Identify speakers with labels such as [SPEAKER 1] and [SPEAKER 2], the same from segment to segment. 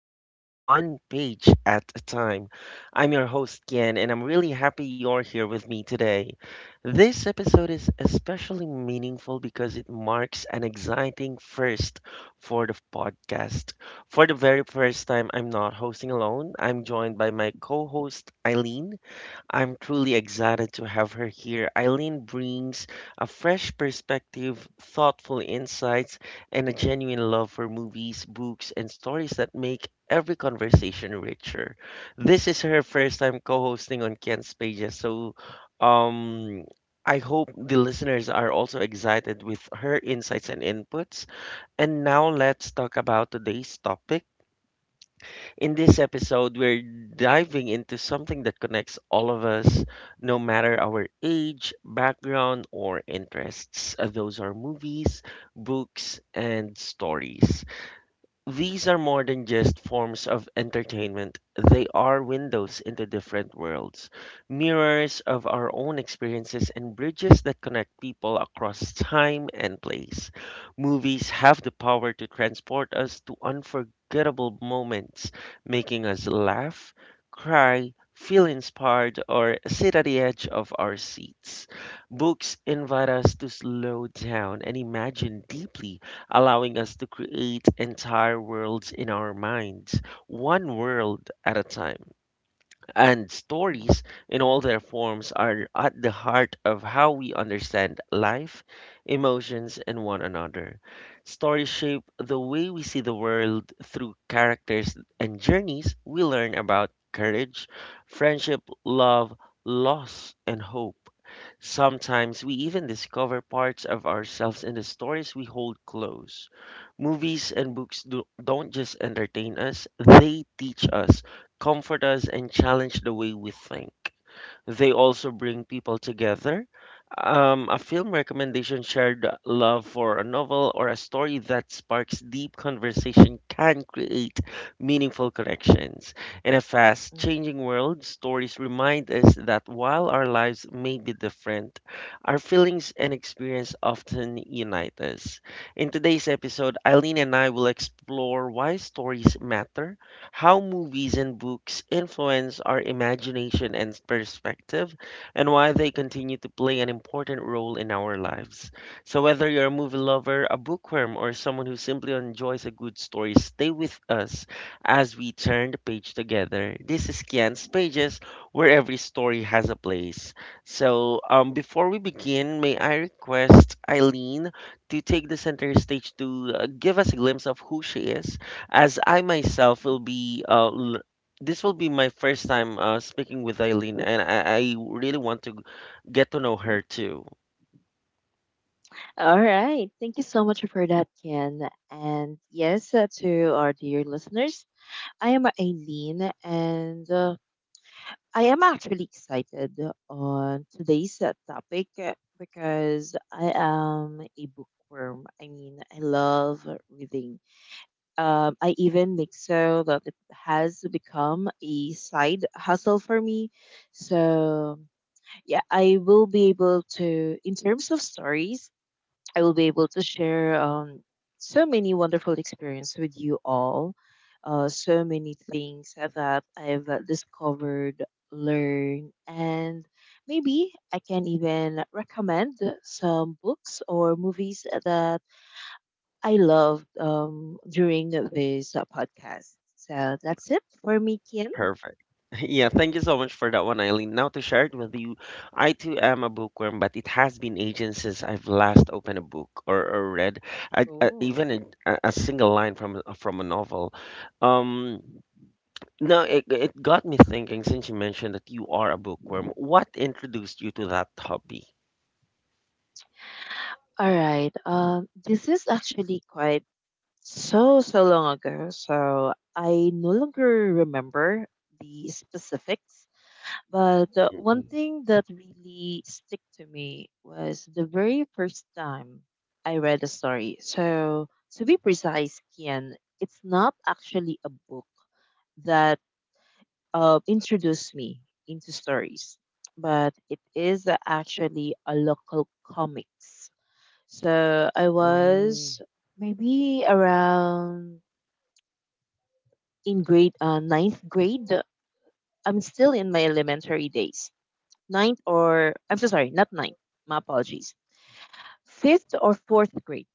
[SPEAKER 1] alive one page at a time. I'm your host, Ken, and I'm really happy you're here with me today. This episode is especially meaningful because it marks an exciting first for the podcast. For the very first time, I'm not hosting alone. I'm joined by my co host, Eileen. I'm truly excited to have her here. Eileen brings a fresh perspective, thoughtful insights, and a genuine love for movies, books, and stories that make every conversation richer. This is her first time co-hosting on Ken's Pages, so um I hope the listeners are also excited with her insights and inputs. And now let's talk about today's topic. In this episode, we're diving into something that connects all of us, no matter our age, background, or interests. Those are movies, books, and stories. These are more than just forms of entertainment. They are windows into different worlds, mirrors of our own experiences, and bridges that connect people across time and place. Movies have the power to transport us to unforgettable moments, making us laugh, cry, feel inspired, or sit at the edge of our seats. Books invite us to slow down and imagine deeply, allowing us to create entire worlds in our minds, one world at a time, and
[SPEAKER 2] Mhm,
[SPEAKER 1] stories, in all their forms, are at the heart of how we understand life, emotions, and one another. Stories shape the way we see the world. Through characters and journeys, we learn about courage, friendship, love, loss, and hope. Sometimes we even discover parts of ourselves in the stories we hold close. Movies and books don't just entertain us, they teach us, comfort us, and challenge the way we think. They also bring people together. A film recommendation, shared love for a novel, or a story that sparks deep conversation can create meaningful connections. In a fast
[SPEAKER 2] mhm.
[SPEAKER 1] changing world, stories remind us that while our lives may be different, our feelings and experience often unite us. In today's episode, Eileen and I will explore why stories matter, how movies and books influence our imagination and perspective, and why they continue to play an important role in our lives. So, whether you're a movie lover, a bookworm, or someone who simply enjoys a good story, stay with us as we turn the page together. This is Kian's Pages, where every story has a place. So, before we begin, may I request Eileen to take the center stage to give us a glimpse of who she is, as I myself will be this will be my first time speaking with Eileen, and I really want to get to know her too.
[SPEAKER 2] All right. Thank you so much for that, Ken. And yes, to our dear listeners, I am Aileen, and I am actually excited on today's topic because I am a bookworm. I mean, I love reading. I even make so that it has become a side hustle for me. So yeah, I will be able to, in terms of stories, I will be able to share so many wonderful experience with you all. So many things that I've discovered, learned, and maybe I can even recommend some books or movies that I loved during this podcast. So that's it for me, Kim.
[SPEAKER 1] Perfect. Yeah, thank you so much for that one, Eileen. Now to share it with you, I too am a bookworm, but it has been ages since I've last opened a book, or read a, a,
[SPEAKER 2] Oh.
[SPEAKER 1] even a, a single line from from a novel. Um, Now it got me thinking, since you mentioned that you are a bookworm, what introduced you to that hobby?
[SPEAKER 2] All right. This is actually quite so long ago, so I no longer remember the specifics, but one
[SPEAKER 1] Mm-mm.
[SPEAKER 2] thing that really stick to me was the very first time I read a story. So to be precise, Kian, it's not actually a book that introduced me into stories, but it is actually a local comics. So I
[SPEAKER 1] Oh.
[SPEAKER 2] was maybe around in grade ninth grade. I'm still in my elementary days. Ninth, or I'm so sorry, not ninth. My apologies. Fifth or fourth grade,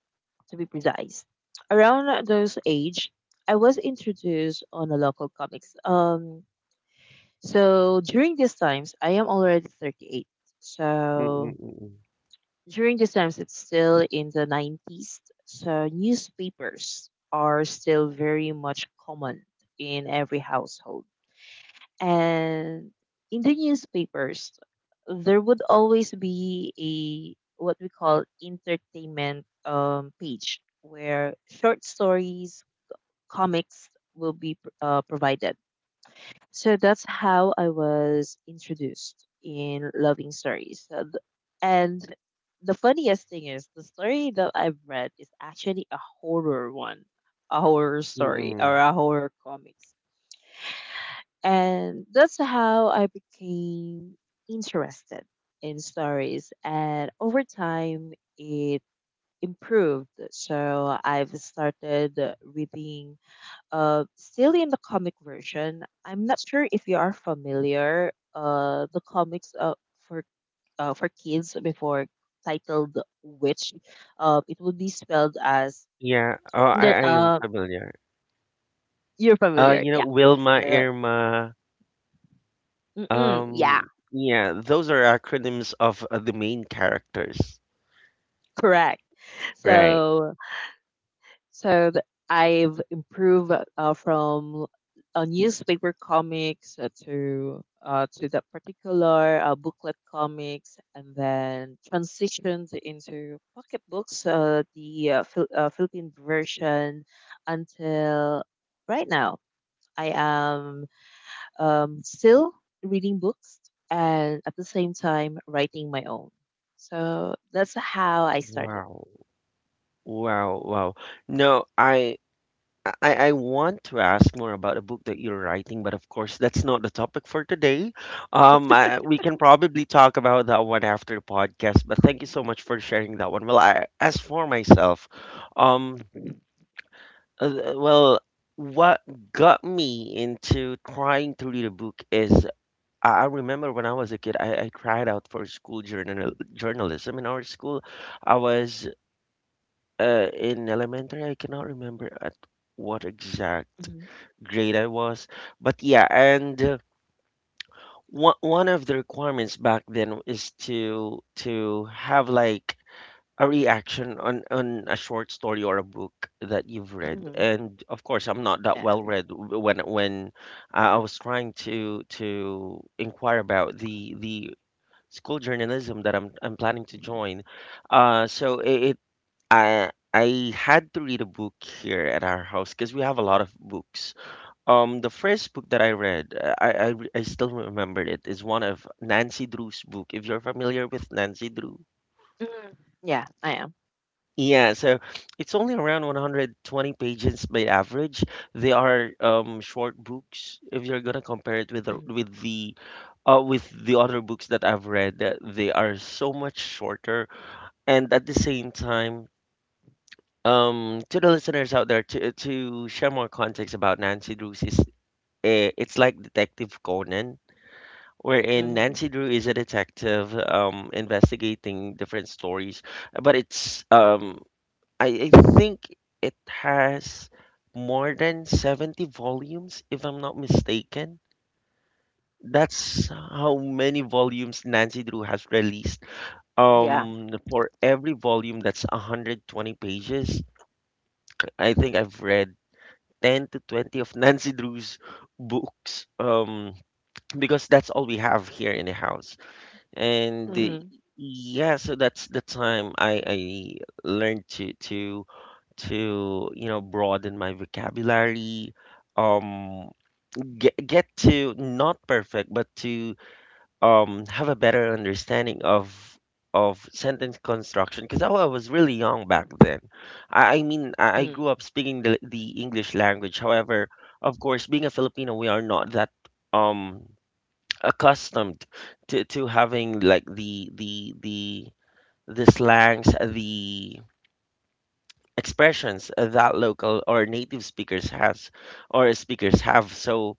[SPEAKER 2] to be precise. Around those age, I was introduced on a local comics. So during these times, I am already 38.
[SPEAKER 1] Mm,
[SPEAKER 2] So
[SPEAKER 1] mm,
[SPEAKER 2] during these times, it's still in the 90s. So newspapers are still very much common in every household. And in the newspapers there would always be a what we call entertainment page where short stories, comics will be provided. So that's how I was introduced in loving stories. And the funniest thing is the story that I've read is actually a horror one, a horror
[SPEAKER 1] mm,
[SPEAKER 2] story or
[SPEAKER 1] mm.
[SPEAKER 2] a horror comic. And that's how I became interested in stories. And over time, it improved. So I've started reading still in the comic version. I'm not sure if you are familiar the comics for for kids before titled Witch. It would be spelled as
[SPEAKER 1] Yeah. Oh,
[SPEAKER 2] the,
[SPEAKER 1] I am
[SPEAKER 2] uh,
[SPEAKER 1] familiar.
[SPEAKER 2] you're familiar,
[SPEAKER 1] You know,
[SPEAKER 2] yeah.
[SPEAKER 1] Wilma,
[SPEAKER 2] So,
[SPEAKER 1] Irma.
[SPEAKER 2] mm-mm, yeah,
[SPEAKER 1] Yeah, those are acronyms of the main characters,
[SPEAKER 2] correct.
[SPEAKER 1] right?
[SPEAKER 2] So So th- I've improved from newspaper comics to that particular booklet comics, and then transitioned into pocket books, Philippine version, until right now. I am still reading books and at the same time writing my own. So that's how I started.
[SPEAKER 1] Wow. Wow, wow. No, I want to ask more about a book that you're writing, but of course, that's not the topic for today. We can probably talk about that one after the podcast, but thank you so much for sharing that one. Well, I, as for myself, um. Well, what got me into trying to read a book is I remember when I was a kid, I tried out for school journalism in our school. I was in elementary, I cannot remember at what exact
[SPEAKER 2] Mhm.
[SPEAKER 1] grade I was, but yeah, and one of the requirements back then is to have like a reaction on a short story or a book that you've read,
[SPEAKER 2] Mhm.
[SPEAKER 1] and of course I'm not that
[SPEAKER 2] Yeah.
[SPEAKER 1] well read. When I was trying to inquire about the school journalism that I'm planning to join, so it I had to read a book here at our house because we have a lot of books. The first book that I read I still remember it is one of Nancy Drew's book, if you're familiar with Nancy Drew.
[SPEAKER 2] Mhm. Yeah, I am.
[SPEAKER 1] Yeah, so it's only around 120 pages by average. They are short books if you're gonna compare it with the
[SPEAKER 2] Mhm,
[SPEAKER 1] with the with the other books that I've read. They are so much shorter, and at the same time, to the listeners out there, to share more context about Nancy Drew's is eh, it's like Detective Conan, wherein
[SPEAKER 2] mhm.
[SPEAKER 1] Nancy Drew is a detective investigating different stories, but it's I think it has more than 70 volumes, if I'm not mistaken. That's how many volumes Nancy Drew has released.
[SPEAKER 2] Yeah.
[SPEAKER 1] For every volume, that's 120 pages. I think I've read 10 to 20 of Nancy Drew's books because that's all we have here in the house. And
[SPEAKER 2] Mhm,
[SPEAKER 1] yeah, so that's the time I learned to you know broaden my vocabulary um get to not perfect but to have a better understanding of sentence construction because I was really young back then. I mean I grew
[SPEAKER 2] mhm,
[SPEAKER 1] up speaking the English language, however of course being a Filipino we are not that um accustomed to having like the slangs, the expressions that local or native speakers has or speakers have, so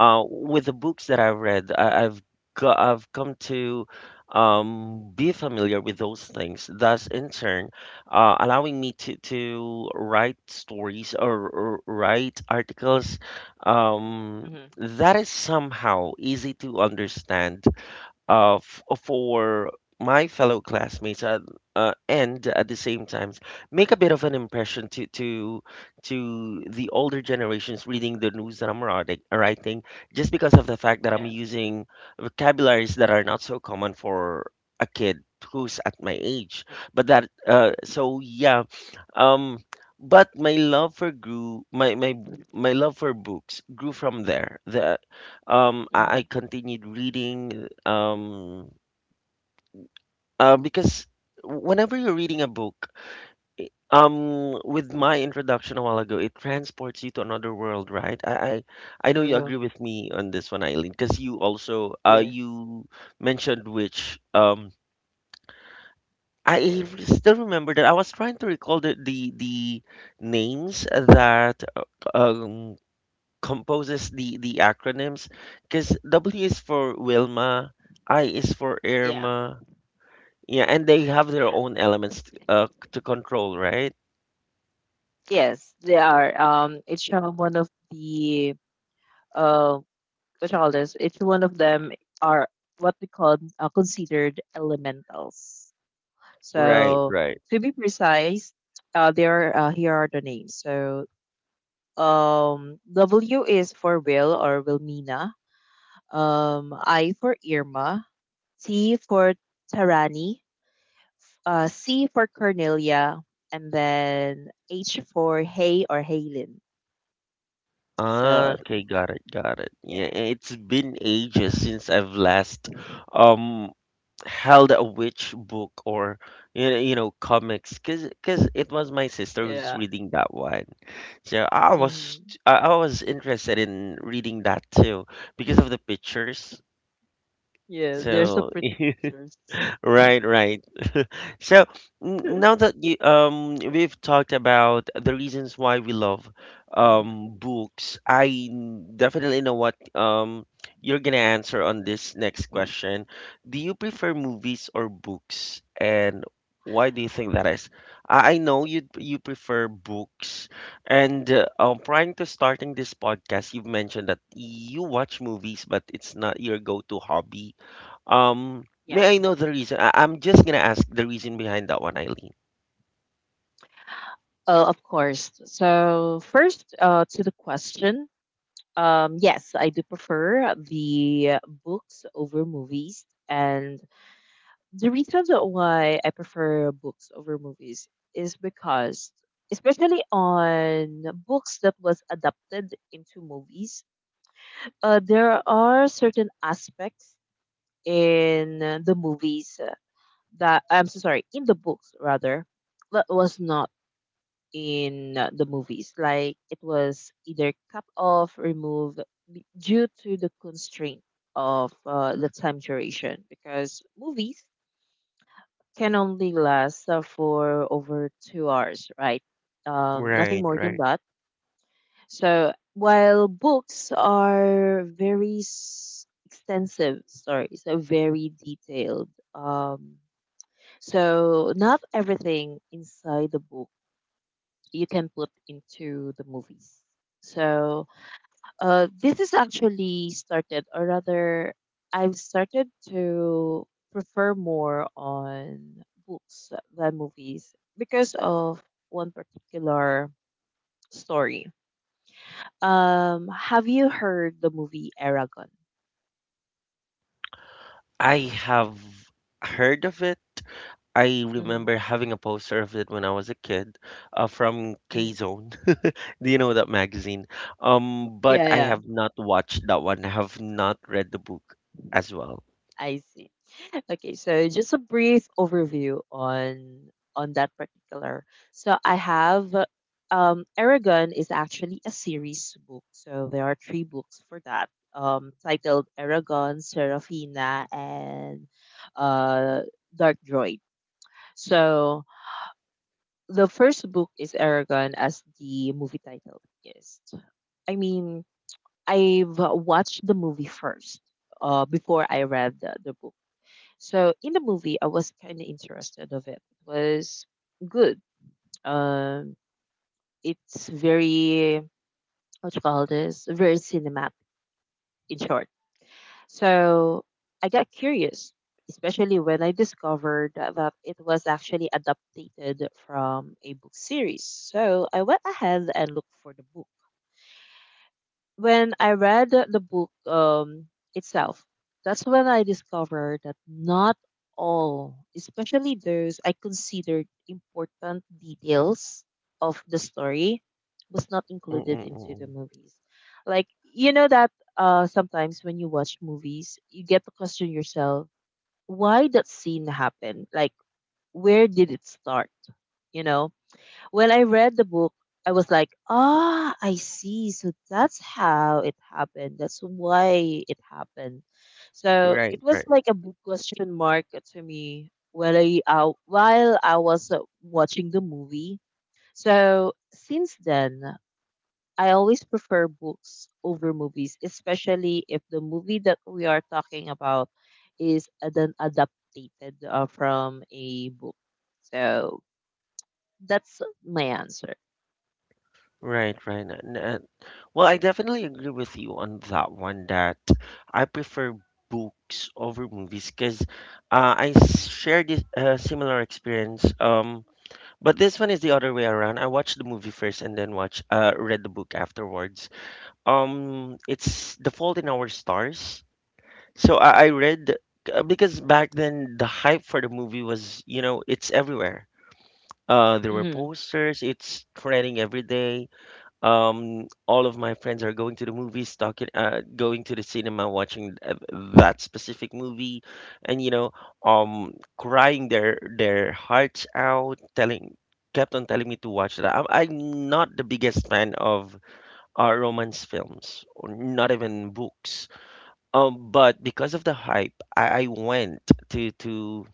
[SPEAKER 1] with the books that I've got I've come to be familiar with those things, thus in turn allowing me to write stories, or write articles um
[SPEAKER 2] mhm.
[SPEAKER 1] that is somehow easy to understand for my fellow classmates and at the same time make a bit of an impression to the older generations reading the news that I'm writing, just because of the fact that I'm
[SPEAKER 2] Yeah.
[SPEAKER 1] using vocabularies that are not so common for a kid who's at my age. But that so yeah um but my love for books grew from there. I
[SPEAKER 2] Mhm.
[SPEAKER 1] continued reading because whenever you're reading a book, with my introduction a while ago, it transports you to another world, right? I know you agree
[SPEAKER 2] True.
[SPEAKER 1] with me on this one, Eileen, because you also
[SPEAKER 2] Yes.
[SPEAKER 1] you mentioned which, I still remember that I was trying to recall the names that um composes the acronyms, because W is for Wilma, I is for
[SPEAKER 2] Yeah.
[SPEAKER 1] Irma. Yeah, and they have their own elements to control, right?
[SPEAKER 2] Yes, they are. Each one of the uh, what you call this? Each one of them are what we call considered elementals.
[SPEAKER 1] Right,
[SPEAKER 2] So
[SPEAKER 1] right.
[SPEAKER 2] to be precise, there are, here are the names. So W is for Will or Wilmina. I for Irma. T for Tarani. C for Cornelia, and then H for Hay or Haylin.
[SPEAKER 1] Ah,
[SPEAKER 2] So
[SPEAKER 1] okay, got it, got it. Yeah,
[SPEAKER 2] yeah,
[SPEAKER 1] it's been ages since I've last um held a witch book or you know comics cuz it was my sister who's
[SPEAKER 2] yeah,
[SPEAKER 1] reading that one. So I was
[SPEAKER 2] mhm.
[SPEAKER 1] I was interested in reading that too because of the pictures.
[SPEAKER 2] Yeah. There's some
[SPEAKER 1] So
[SPEAKER 2] pretty pictures.
[SPEAKER 1] right, right. So now that you we've talked about the reasons why we love books, definitely know what you're gonna answer on this next question. Do you prefer movies or books, and why do you think that is? I know you prefer books, and prior to starting this podcast, you've mentioned that you watch movies, but it's not your go-to hobby. Um,
[SPEAKER 2] Yeah,
[SPEAKER 1] May I know the reason? I'm just gonna ask the reason behind that one, Eileen.
[SPEAKER 2] of course. So first, to the question. Yes, I do prefer the books over movies, and the reason that why I prefer books over movies is because, especially on books that was adapted into movies, there are certain aspects in the movies that, I'm so sorry, in the books rather, that was not in the movies. Like it was either cut off, removed due to the constraint of the time duration, because movies can only last for over 2 hours, right? Nothing
[SPEAKER 1] Right,
[SPEAKER 2] more than
[SPEAKER 1] right.
[SPEAKER 2] that. So while books are very extensive, sorry, so very detailed. So not everything inside the book you can put into the movies. So this is actually started, or rather, I've started to prefer more on books than movies because of one particular story. Have you heard the movie Aragon?
[SPEAKER 1] I have heard of it. I
[SPEAKER 2] Mhm,
[SPEAKER 1] remember having a poster of it when I was a kid, from K
[SPEAKER 2] mhm.
[SPEAKER 1] Zone. Do you know that magazine?
[SPEAKER 2] Yeah,
[SPEAKER 1] But I
[SPEAKER 2] yeah,
[SPEAKER 1] have not watched that one. I have not read the book as well.
[SPEAKER 2] I see. Okay, so just a brief overview on that particular. So I have Aragon is actually a series book. So there are three books for that. Titled Aragon, Serafina and uh Dark Droid. So the first book is Aragon, as the movie title is. I mean, I've watched the movie first before I read the book. So in the movie, I was kind of interested of it. It was good. Um, it's very what you call this? Very cinematic, in short. So I got curious, especially when I discovered that it was actually adapted from a book series. So I went ahead and looked for the book. When I read the book itself, that's when I discovered that not all, especially those I considered important details of the story, was not included into the
[SPEAKER 1] Mm-mm-mm.
[SPEAKER 2] movies. Like you know that sometimes when you watch movies, you get to question yourself why that scene happened. Like where did it start? You know, when I read the book, I was like, ah, I see. So that's how it happened. That's why it happened. So it
[SPEAKER 1] Right,
[SPEAKER 2] was like a big question mark to me while I was watching the movie. So since then, I always prefer books over movies, especially if the movie that we are talking about is an adapted from a book. So that's my answer.
[SPEAKER 1] right, right. Well, I definitely agree with you on that one that I prefer books over movies because shared this similar experience. But this one is the other way around. I watched the movie first and then watch read the book afterwards. It's The Fault in Our Stars. So I read because back then the hype for the movie was, you know, it's everywhere. There were
[SPEAKER 2] Mm-hmm.
[SPEAKER 1] posters. It's trending every day all of my friends are going to the movies, talking, going to the cinema, watching that specific movie, and you know, um, crying their hearts out, kept on telling me to watch that. I'm not the biggest fan of romance films, or not even books. But because of the hype, I went to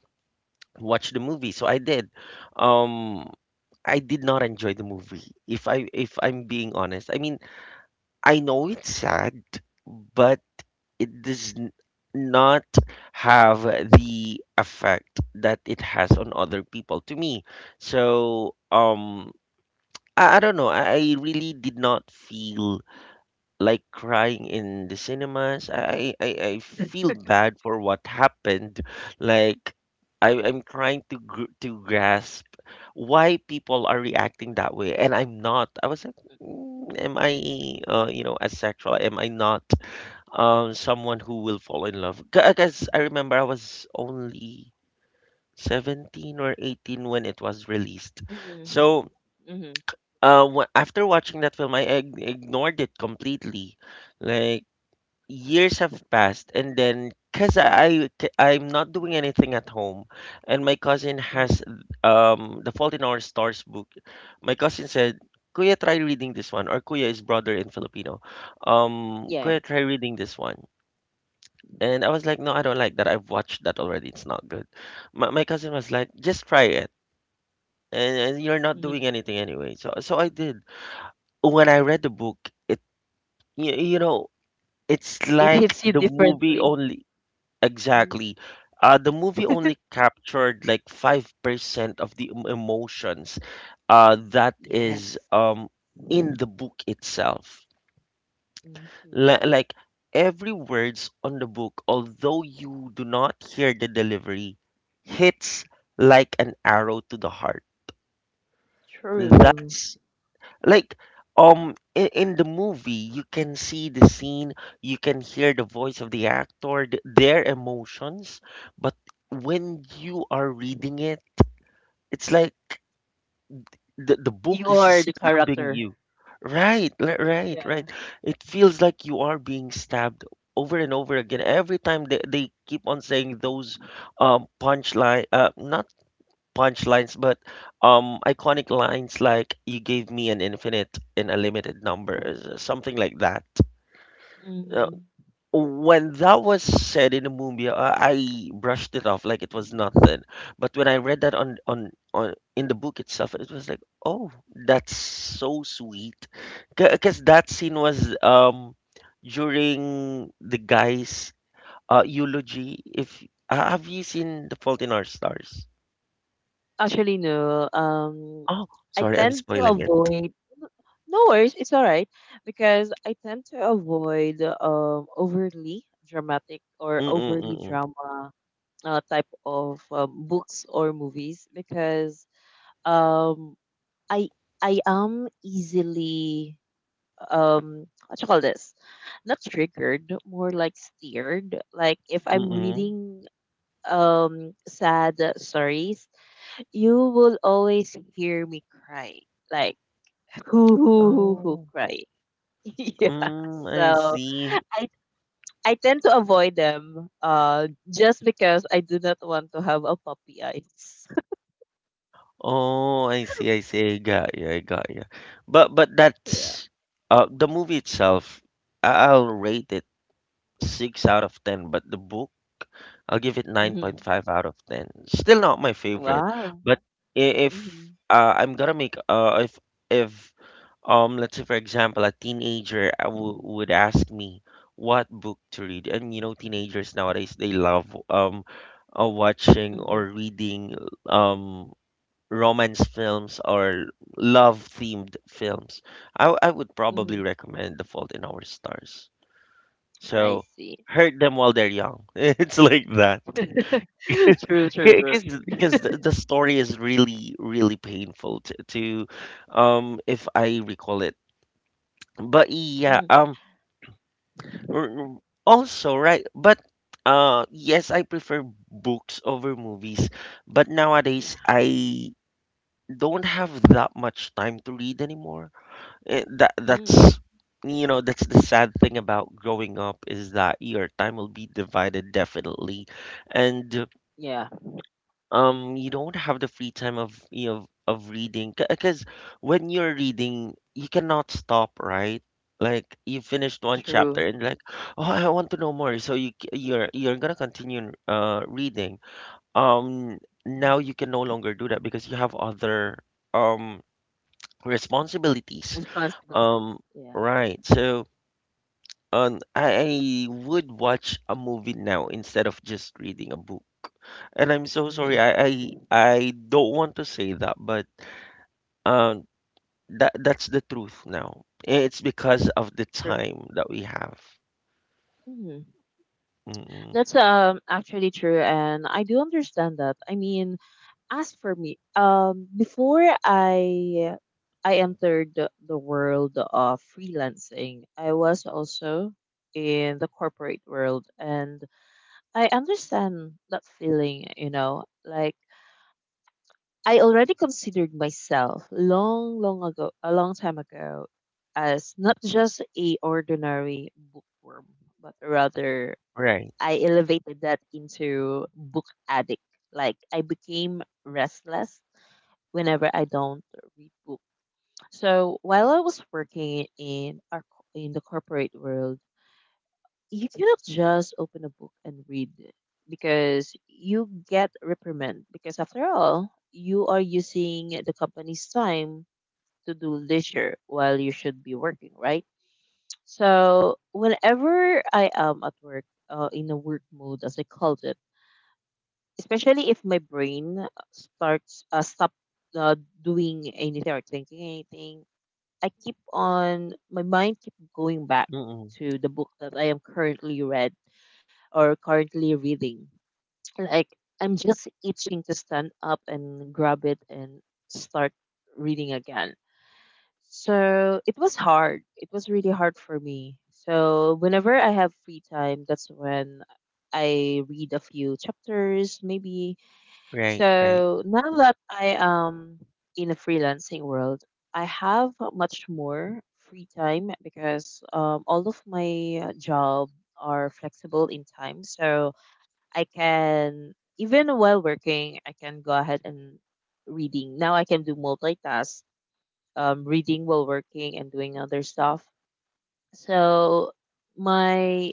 [SPEAKER 1] watch the movie, so I did. Um, I did not enjoy the movie. If I'm being honest, I mean I know it's sad, but it not have the effect that it has on other people to me. So, I don't know. I really did not feel like crying in the cinemas. I feel bad for what happened. Like I'm trying to grasp why people are reacting that way, and I'm not. I was like, Am I asexual? Am I not someone who will fall in love? Because I remember I was only 17 or 18 when it was released. So
[SPEAKER 2] Mhm. Mhm.
[SPEAKER 1] after watching that film, I ignored it completely. Like years have passed, and then because I am not doing anything at home, and my cousin
[SPEAKER 2] Mhm.
[SPEAKER 1] has the fault in our stars book. My cousin said, kuya try reading this one, or kuya is brother in filipino.
[SPEAKER 2] Yeah.
[SPEAKER 1] Kuya try reading this one. And I was like, no I don't like that, I've watched that already, it's not good. My cousin was like, just try it, and you're not
[SPEAKER 2] Mhm.
[SPEAKER 1] doing anything anyway. So I did. When I read the book, it you, you know it's
[SPEAKER 2] It
[SPEAKER 1] like
[SPEAKER 2] hits you
[SPEAKER 1] the movie
[SPEAKER 2] differently.
[SPEAKER 1] only.
[SPEAKER 2] Mm.
[SPEAKER 1] Exactly. The movie only captured like 5% of the emotions that
[SPEAKER 2] Yes.
[SPEAKER 1] is in the book itself.
[SPEAKER 2] Mhm.
[SPEAKER 1] Like every words on the book, although you do not hear the delivery, hits like an arrow to the heart.
[SPEAKER 2] True.
[SPEAKER 1] That's like, in the movie you can see the scene, you can hear the voice of the actor, their emotions. But when you are reading it, it's like the book is
[SPEAKER 2] Or the
[SPEAKER 1] stabbing
[SPEAKER 2] character.
[SPEAKER 1] you, right, it feels like you are being stabbed over and over again every time they keep on saying those punchline, not punchlines, but iconic lines like "You gave me an infinite and a limited number," something like that. Uh,
[SPEAKER 2] Mhm.
[SPEAKER 1] when that was said in the movie, I brushed it off like it was nothing. But when I read that on in the book itself, it was like, oh, that's so sweet, because that scene was during the guy's eulogy. If Have you seen The Fault in Our Stars?
[SPEAKER 2] Actually, no.
[SPEAKER 1] Oh,
[SPEAKER 2] I
[SPEAKER 1] sorry, I'm
[SPEAKER 2] tend to
[SPEAKER 1] spoiling it.
[SPEAKER 2] avoid. No worries, it's all right because I tend to avoid overly dramatic or
[SPEAKER 1] Mm,
[SPEAKER 2] overly
[SPEAKER 1] mm,
[SPEAKER 2] drama type of books or movies because um I I am easily what you call this, not triggered, more like steered. Like if I'm
[SPEAKER 1] mm.
[SPEAKER 2] reading sad stories, you will always hear me cry. Like who
[SPEAKER 1] Oh,
[SPEAKER 2] cry. Yeah.
[SPEAKER 1] mm, I
[SPEAKER 2] So
[SPEAKER 1] see.
[SPEAKER 2] i I tend to avoid them just because I do not want to have a puppy eyes.
[SPEAKER 1] Oh, I see, I see. I got you, I got you. But
[SPEAKER 2] Yeah.
[SPEAKER 1] that's the movie itself. I'll rate it six out of ten, but the book, I'll give it
[SPEAKER 2] Hmm.
[SPEAKER 1] 9.5 out of 10. Still not my favorite,
[SPEAKER 2] Wow.
[SPEAKER 1] but I- if
[SPEAKER 2] Hmm.
[SPEAKER 1] I'm gonna make if let's say for example a teenager would ask me what book to read, and you know teenagers nowadays they love watching
[SPEAKER 2] Hmm.
[SPEAKER 1] or reading um romance films or love themed films. I would probably
[SPEAKER 2] Hmm.
[SPEAKER 1] recommend the fault in our stars.
[SPEAKER 2] I
[SPEAKER 1] So
[SPEAKER 2] see.
[SPEAKER 1] hurt them while they're young it's like that.
[SPEAKER 2] True.
[SPEAKER 1] Because the story is really really painful, to if I recall it. But yeah
[SPEAKER 2] Hmm.
[SPEAKER 1] um Mm, also right, but yes, I prefer books over movies, but nowadays I don't have that much time to read anymore. Eh, that
[SPEAKER 2] Mm,
[SPEAKER 1] that's you know that's the sad thing about growing up, is that your time will be divided definitely. And
[SPEAKER 2] yeah.
[SPEAKER 1] you don't have the free time of of reading, because when you're reading you cannot stop, right? Like you finished one chapter
[SPEAKER 2] True.
[SPEAKER 1] and like, oh I want to know more, so you're gonna continue reading. um
[SPEAKER 2] Mhm.
[SPEAKER 1] Now you can no longer do that because you have other um responsibilities
[SPEAKER 2] Responsibilities.
[SPEAKER 1] um
[SPEAKER 2] Yeah.
[SPEAKER 1] right? So I would watch a movie now instead of just reading a book. And I'm so
[SPEAKER 2] Hmm.
[SPEAKER 1] sorry. I don't want to say that, but um, that's the truth now. It's because of the
[SPEAKER 2] True.
[SPEAKER 1] time that we have.
[SPEAKER 2] Hmm.
[SPEAKER 1] Mm-mm.
[SPEAKER 2] That's actually true, and I do understand that. I mean, as for me, before I entered the world of freelancing, I was also in the corporate world, and I understand that feeling. You know, like I already considered myself long, long ago, a long time ago, as not just a ordinary bookworm, but rather
[SPEAKER 1] Right.
[SPEAKER 2] I elevated that into book addict. Like I became restless whenever I don't read books. So while I was working in in the corporate world, you cannot just open a book and read it because you get reprimand because after all you are using the company's time to do leisure while you should be working, right? So whenever I am at work, in a work mode as I called it, especially if my brain starts stop uh, doing anything or thinking anything, I keep on my mind keep going back
[SPEAKER 1] Mm-mm.
[SPEAKER 2] to the book that I am currently read or currently reading. Like I'm just itching to stand up and grab it and start reading again. So it was hard. It was really hard for me. So whenever I have free time, that's when I read a few chapters maybe.
[SPEAKER 1] Right. Right.
[SPEAKER 2] So now that I am in a freelancing world, I have much more free time because all of my job are flexible in time. So I can, even while working, I can go ahead and reading. Now I can do multitask, reading while working and doing other stuff. So my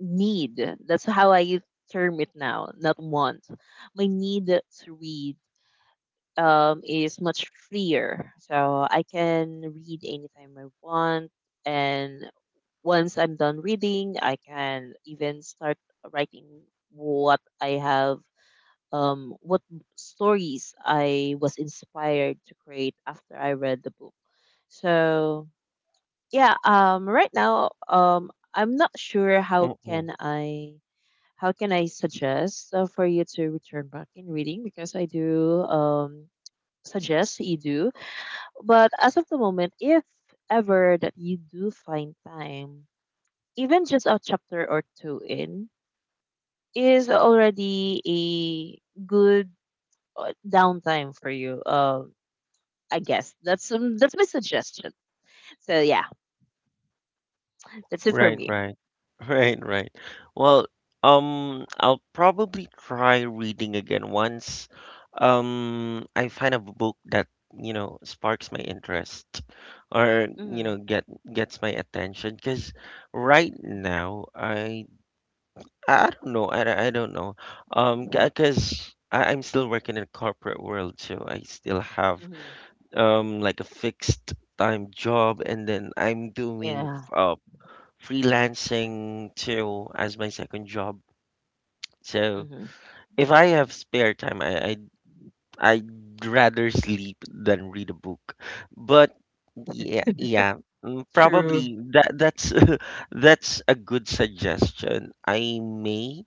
[SPEAKER 2] need, that's how I term it now, not want. My need to read is much freer. So I can read anytime I want, and once I'm done reading, I can even start writing what I have what stories I was inspired to create after I read the book. So yeah, right now, I'm not sure
[SPEAKER 1] Mm-mm.
[SPEAKER 2] how can I suggest for you to return back in reading, because I do suggest you do. But as of the moment, if ever that you do find time, even just a chapter or two in is already a good downtime for you. I guess that's my suggestion. So yeah, that's it for
[SPEAKER 1] Right,
[SPEAKER 2] me.
[SPEAKER 1] right. Right, right. Well, I'll probably try reading again once I find a book that, sparks my interest, or,
[SPEAKER 2] Hmm.
[SPEAKER 1] gets my attention, because right now I don't know. I don't know. Because I'm still working in corporate world, so I still have
[SPEAKER 2] Hmm.
[SPEAKER 1] like a fixed time job, and then I'm doing
[SPEAKER 2] Yeah.
[SPEAKER 1] freelancing too as my second job. So
[SPEAKER 2] Hmm.
[SPEAKER 1] if I have spare time, I'd rather sleep than read a book. But yeah, yeah, mm,
[SPEAKER 2] True.
[SPEAKER 1] probably that's, that's a good suggestion. I may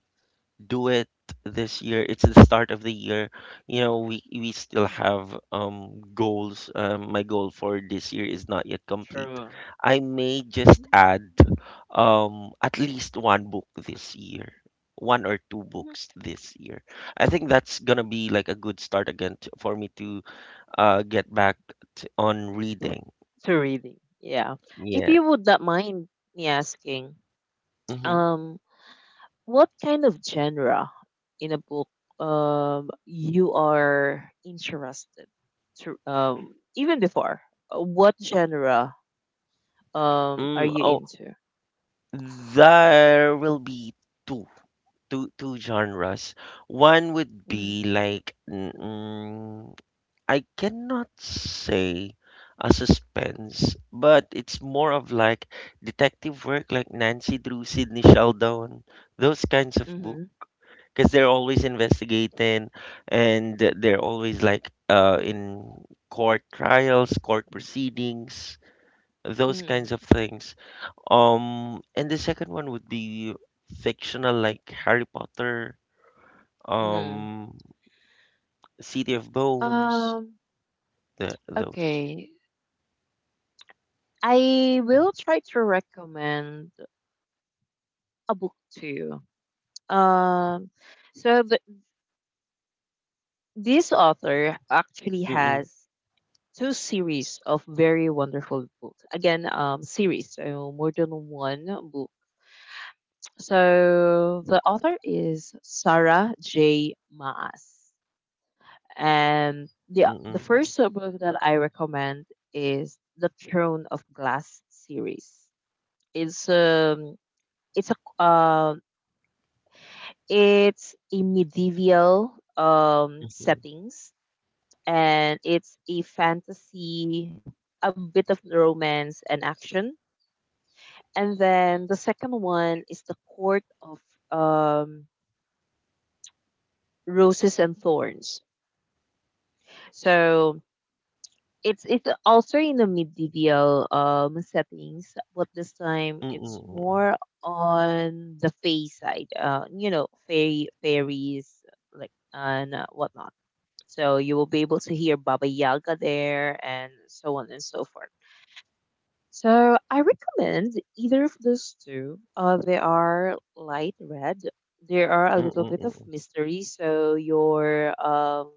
[SPEAKER 1] do it this year. It's the start of the year. You know, we still have goals. My goal for this year is not yet complete.
[SPEAKER 2] True.
[SPEAKER 1] I may just
[SPEAKER 2] Hmm.
[SPEAKER 1] add at least one book this year. One or two
[SPEAKER 2] Hmm.
[SPEAKER 1] books this year. I think that's gonna be like a good start again t for me to get back t on reading.
[SPEAKER 2] To reading. Yeah. If
[SPEAKER 1] Yeah.
[SPEAKER 2] you would not mind me asking,
[SPEAKER 1] Mm-hmm.
[SPEAKER 2] um, what kind of genre in a book you are interested to, even before what genre are
[SPEAKER 1] Mm,
[SPEAKER 2] you
[SPEAKER 1] oh,
[SPEAKER 2] into?
[SPEAKER 1] there will be two. Two genres. One would
[SPEAKER 2] Mm-hmm.
[SPEAKER 1] be like, mm, I cannot say a suspense, but it's more of like detective work, like Nancy Drew, Sidney Sheldon, those kinds of books.
[SPEAKER 2] Mm-hmm.
[SPEAKER 1] Because they're always investigating, and they're always like, in court trials, court proceedings, those kinds of things. And the second one would be fictional, like Harry Potter,
[SPEAKER 2] Mm-hmm.
[SPEAKER 1] um, City of Bones,
[SPEAKER 2] Um.
[SPEAKER 1] the those.
[SPEAKER 2] Okay. I
[SPEAKER 1] Mm,
[SPEAKER 2] will try to recommend a book to you. Um, so this author actually
[SPEAKER 1] mm,
[SPEAKER 2] has two series of very wonderful books. Again, series, so more than one book. So the author is Sarah J. Maas, and the
[SPEAKER 1] mm,
[SPEAKER 2] first book that I recommend is the Throne of Glass series. It's it's a um It's a medieval
[SPEAKER 1] mm, mm,
[SPEAKER 2] settings, and it's a fantasy, a bit of romance and action. And then the second one is the Court of um Roses and Thorns. So it's also in the medieval settings, but this time it's
[SPEAKER 1] mm,
[SPEAKER 2] more on the fae side. Fairy fairies like and whatnot. So you will be able to hear Baba Yaga there and so on and so forth. So I recommend either of those two. They are light red. There are a
[SPEAKER 1] mm,
[SPEAKER 2] little
[SPEAKER 1] mm,
[SPEAKER 2] bit of
[SPEAKER 1] mm.
[SPEAKER 2] mystery, so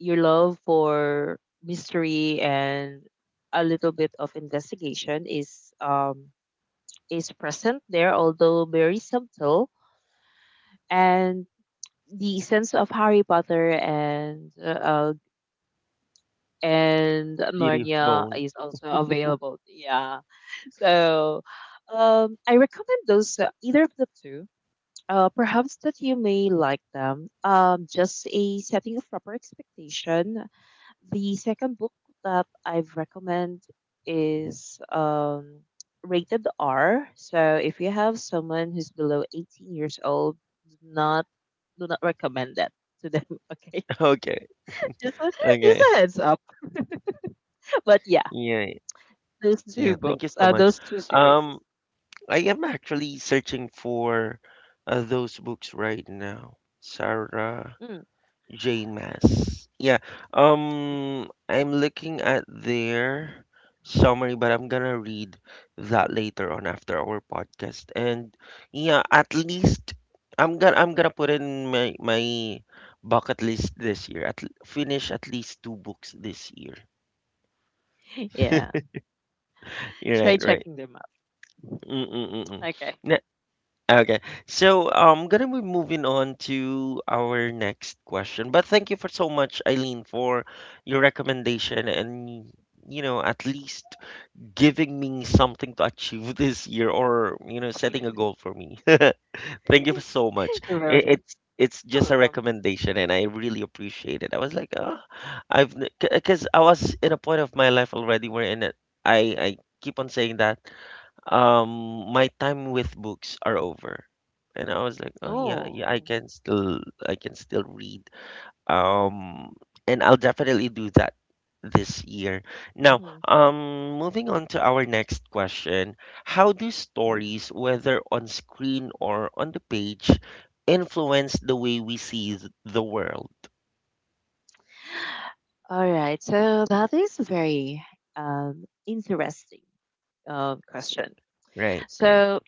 [SPEAKER 2] your love for mystery and a little bit of investigation is present there, although very subtle. And the sense of Harry Potter and
[SPEAKER 1] City of
[SPEAKER 2] Narnia
[SPEAKER 1] Bones.
[SPEAKER 2] is also available. Yeah. So I recommend those, either of the two. Perhaps that you may like them. Just a setting of proper expectation. The second book that I've recommend is rated R. So if you have someone who's below 18 years old, do not do not recommend that to them. Okay,
[SPEAKER 1] Okay,
[SPEAKER 2] just a, just
[SPEAKER 1] okay.
[SPEAKER 2] a heads up. But yeah,
[SPEAKER 1] Yeah,
[SPEAKER 2] those two
[SPEAKER 1] yeah. Thank
[SPEAKER 2] books,
[SPEAKER 1] you so much.
[SPEAKER 2] those two series.
[SPEAKER 1] Um, I am actually searching for those books right now. Sarah.
[SPEAKER 2] Hmm.
[SPEAKER 1] J Mass. Yeah. I'm looking at their summary, but I'm gonna read that later on after our podcast. And yeah, at least I'm gonna put in my bucket list this year. Finish at least two books this year.
[SPEAKER 2] Yeah,
[SPEAKER 1] You're
[SPEAKER 2] try
[SPEAKER 1] right, right.
[SPEAKER 2] checking them
[SPEAKER 1] Mm-mm-mm.
[SPEAKER 2] out. Okay.
[SPEAKER 1] Okay, so I'm gonna be moving on to our next question. But thank you for so much, Eileen, for your recommendation, and at least giving me something to achieve this year, or setting a goal for me. Thank you for so much.
[SPEAKER 2] You're very
[SPEAKER 1] I-
[SPEAKER 2] much
[SPEAKER 1] It's it's just a
[SPEAKER 2] welcome.
[SPEAKER 1] recommendation, and I really appreciate it. I was like, oh, I've because I was in a point of my life already wherein, I keep on saying that my time with books are over. And I was like, oh, yeah, yeah,
[SPEAKER 2] Oh.
[SPEAKER 1] I can still read. um and I'll definitely do that this year. Now
[SPEAKER 2] Mhm.
[SPEAKER 1] moving on to our next question. How do stories, whether on screen or on the page, influence the way we see the world?
[SPEAKER 2] All right. So that is a very interesting question.
[SPEAKER 1] Right, right.
[SPEAKER 2] So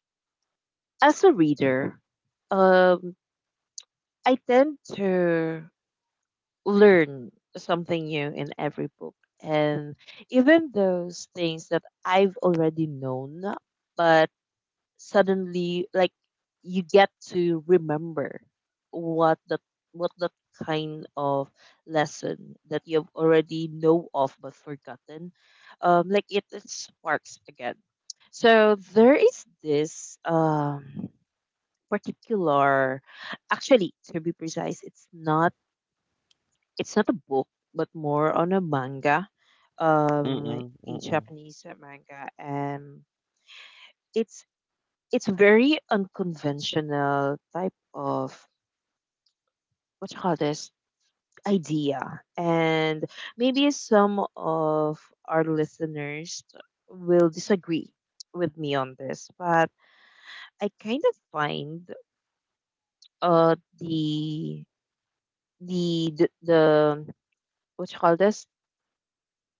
[SPEAKER 2] as a reader, um, I tend to learn something new in every book, and even those things that I've already known, but suddenly, like, you get to remember what the what the kind of lesson that you've already know of but forgotten, like, it sparks again. So there is this particular, actually, to be precise, it's not a book but more on a manga, um
[SPEAKER 1] Mm-mm,
[SPEAKER 2] a
[SPEAKER 1] mm-mm,
[SPEAKER 2] Japanese manga, and it's it's very unconventional type of, what you call this, idea. And maybe some of our listeners will disagree with me on this, but I kind of find uh the the what you call this,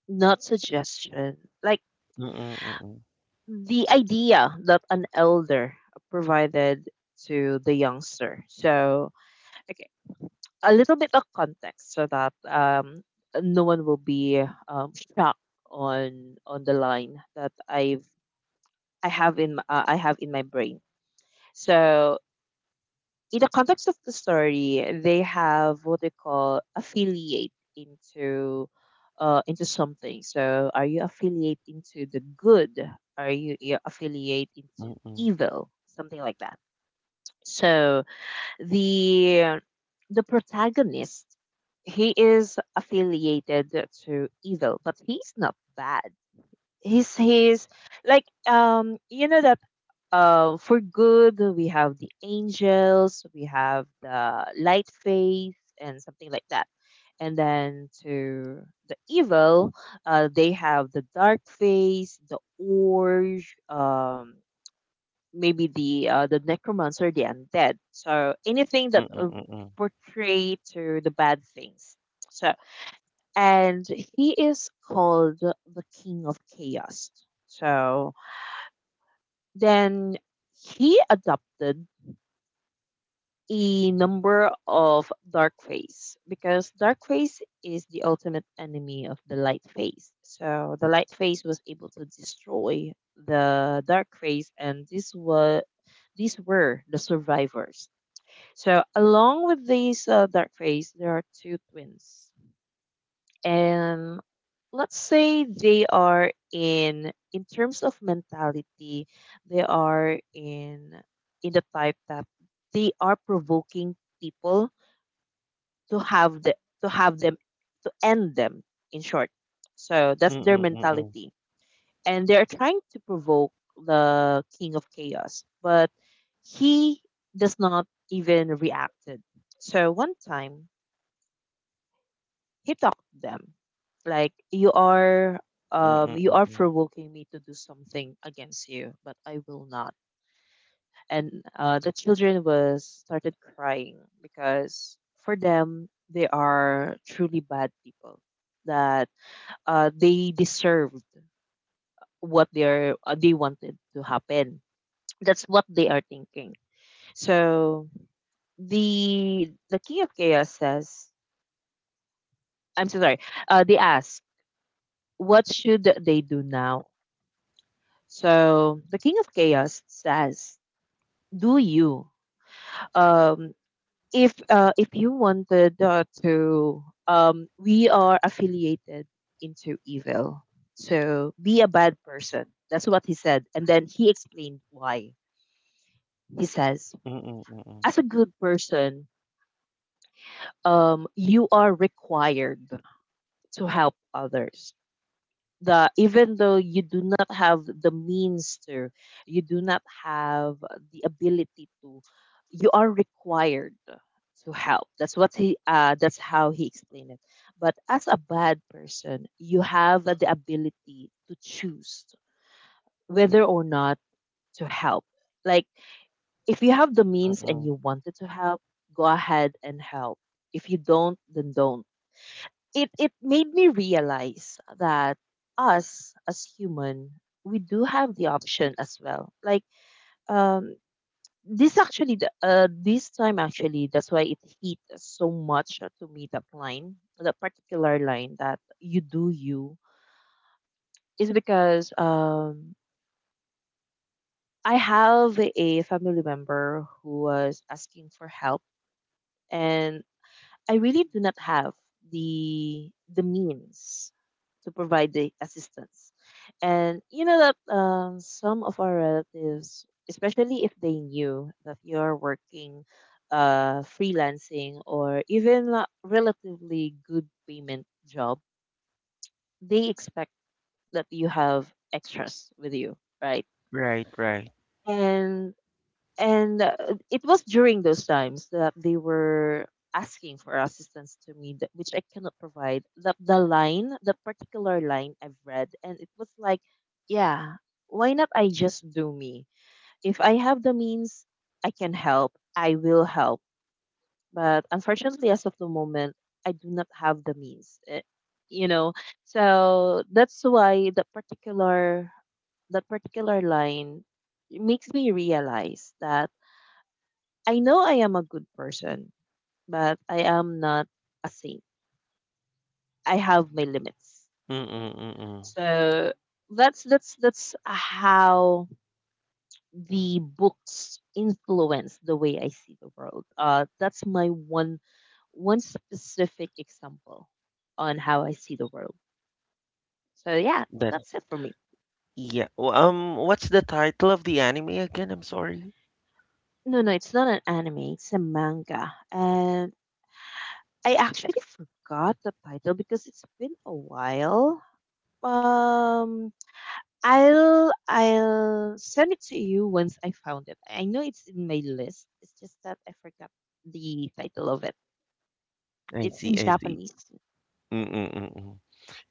[SPEAKER 2] not suggestion, like
[SPEAKER 1] mm-mm,
[SPEAKER 2] the idea that an elder provided to the youngster. So okay, a little bit of context so that no one will be shocked on the line that I have in my brain. So in the context of the story, they have what they call affiliate into something. So are you affiliate into the good? Are you affiliate into
[SPEAKER 1] mm-mm,
[SPEAKER 2] evil? Something like that. So the protagonist, he is affiliated to evil, but he's not bad. He's like, um, you know that, uh, for good we have the angels, we have the light face and something like that. And then to the evil, they have the dark face, the orange, um, maybe the necromancer, the undead. So anything that
[SPEAKER 1] mm-mm, mm-mm, mm-mm,
[SPEAKER 2] portray to the bad things. So and he is called the King of Chaos. So then he adopted a number of dark face, because dark face is the ultimate enemy of the light face. So the light face was able to destroy the dark face, and this was these were the survivors. So along with these dark phase, there are two twins, and let's say they are, in terms of mentality, they are in the type that they are provoking people to have the, to have them, to end them, in short. So that's their
[SPEAKER 1] mm-mm, mm-mm,
[SPEAKER 2] mentality, and they're trying to provoke the king of chaos, but he does not even reacted. So one time he talked to them, like, you are,
[SPEAKER 1] mm-mm,
[SPEAKER 2] you are
[SPEAKER 1] mm-mm.
[SPEAKER 2] provoking me to do something against you, but I will not. And the children was started crying, because for them, they are truly bad people that they deserved what they are, they wanted to happen. That's what they are thinking. So the king of chaos says, "I'm so sorry." They ask, "What should they do now?" So the king of chaos says, "Do you? Um, if you wanted, we are affiliated into evil. So be a bad person." That's what he said, and then he explained why. He says,
[SPEAKER 1] Mm, mm,
[SPEAKER 2] "As a good person, you are required to help others. The even though you do not have the means to, you do not have the ability to, you are required to help." That's what he, that's how he explained it. But as a bad person, you have the ability to choose whether or not to help. Like, if you have the means and
[SPEAKER 1] mm.
[SPEAKER 2] you wanted to help, go ahead and help. If you don't, then don't. It made me realize that us as human, we do have the option as well, like, um, this actually this time actually, that's why it hit so much to me, that line, that particular line that you do you, is because um, I have a family member who was asking for help, and I really do not have the means to provide the assistance. And you know that, some of our relatives, especially if they knew that you're working, freelancing or even a relatively good payment job, they expect that you have extras with you, right?
[SPEAKER 1] Right, right.
[SPEAKER 2] And and uh, it was during those times that they were asking for assistance to me that, which I cannot provide, the line, the particular line I've read, and it was like, yeah, why not, I just do me. If I have the means, I can help, I will help, but unfortunately, as of the moment, I do not have the means, eh, you know. So that's why that particular line makes me realize that I know I am a good person, but I am not a saint. I have my limits.
[SPEAKER 1] Mm, mm, mm.
[SPEAKER 2] So that's how the books influence the way I see the world. That's my one specific example on how I see the world. So yeah,
[SPEAKER 1] That,
[SPEAKER 2] that's it for me.
[SPEAKER 1] yeah. Well, what's the title of the anime again? I'm sorry.
[SPEAKER 2] No, no, it's not an anime. It's a manga, and I actually forgot the title because it's been a while. Um, I'll send it to you once I found it. I know it's in my list. It's just that I forgot the title of it.
[SPEAKER 1] I
[SPEAKER 2] It's
[SPEAKER 1] see,
[SPEAKER 2] in
[SPEAKER 1] I see.
[SPEAKER 2] Japanese.
[SPEAKER 1] Mm, mm, mm,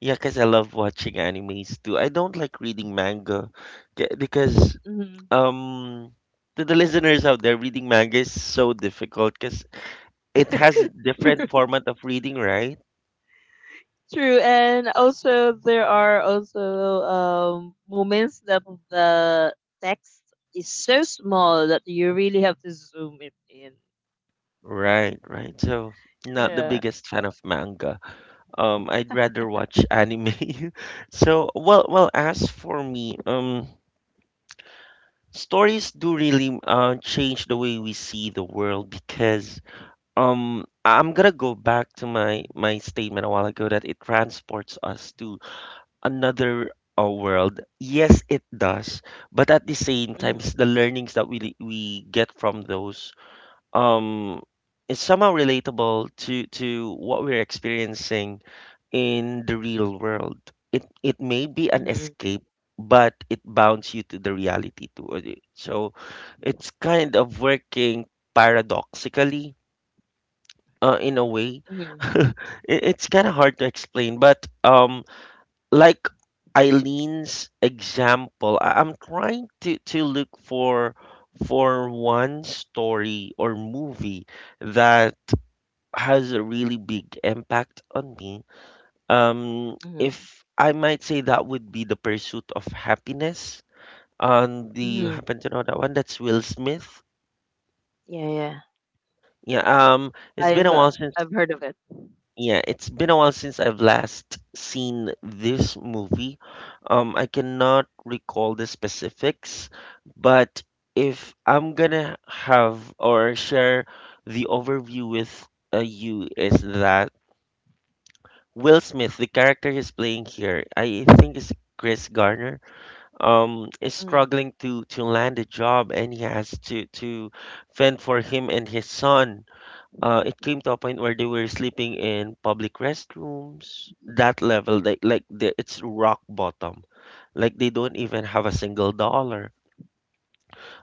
[SPEAKER 1] mm. Cause I love watching animes too. I don't like reading manga, because
[SPEAKER 2] Mhm.
[SPEAKER 1] um to the listeners out there, reading manga is so difficult because it has different format of reading, right?
[SPEAKER 2] True, and also there are also moments that the text is so small that you really have to zoom it in.
[SPEAKER 1] Right, right. So not the
[SPEAKER 2] Yeah.
[SPEAKER 1] biggest fan of manga. I'd rather watch anime. So, well, as for me, stories do really change the way we see the world, because I'm gonna go back to my statement a while ago that it transports us to another world. Yes, it does, but at the same time,
[SPEAKER 2] Mhm.
[SPEAKER 1] the learnings that we get from those um is somehow relatable to what we're experiencing in the real world. It may be an
[SPEAKER 2] Mhm.
[SPEAKER 1] escape, but it bounds you to the reality too. Of So it's kind of working paradoxically, in a way.
[SPEAKER 2] Mhm.
[SPEAKER 1] It's kind of hard to explain, but like Eileen's example, I'm trying to look for one story or movie that has a really big impact on me,
[SPEAKER 2] Mhm.
[SPEAKER 1] if I might say that would be The Pursuit of Happiness. Do you
[SPEAKER 2] Mhm.
[SPEAKER 1] happen to know that one? That's Will Smith.
[SPEAKER 2] Yeah, yeah.
[SPEAKER 1] Yeah, um, it's
[SPEAKER 2] I've
[SPEAKER 1] been a
[SPEAKER 2] uh,
[SPEAKER 1] while
[SPEAKER 2] I've
[SPEAKER 1] since
[SPEAKER 2] heard of it.
[SPEAKER 1] yeah, it's been a while since I've last seen this movie. I cannot recall the specifics, but if I'm gonna have or share the overview with you is that Will Smith, the character he's playing here, I think, is Chris Garner, is
[SPEAKER 2] Mhm.
[SPEAKER 1] struggling to land a job, and he has to fend for him and his son. It came to a point where they were sleeping in public restrooms, that level, it's rock bottom. Like they don't even have a single dollar.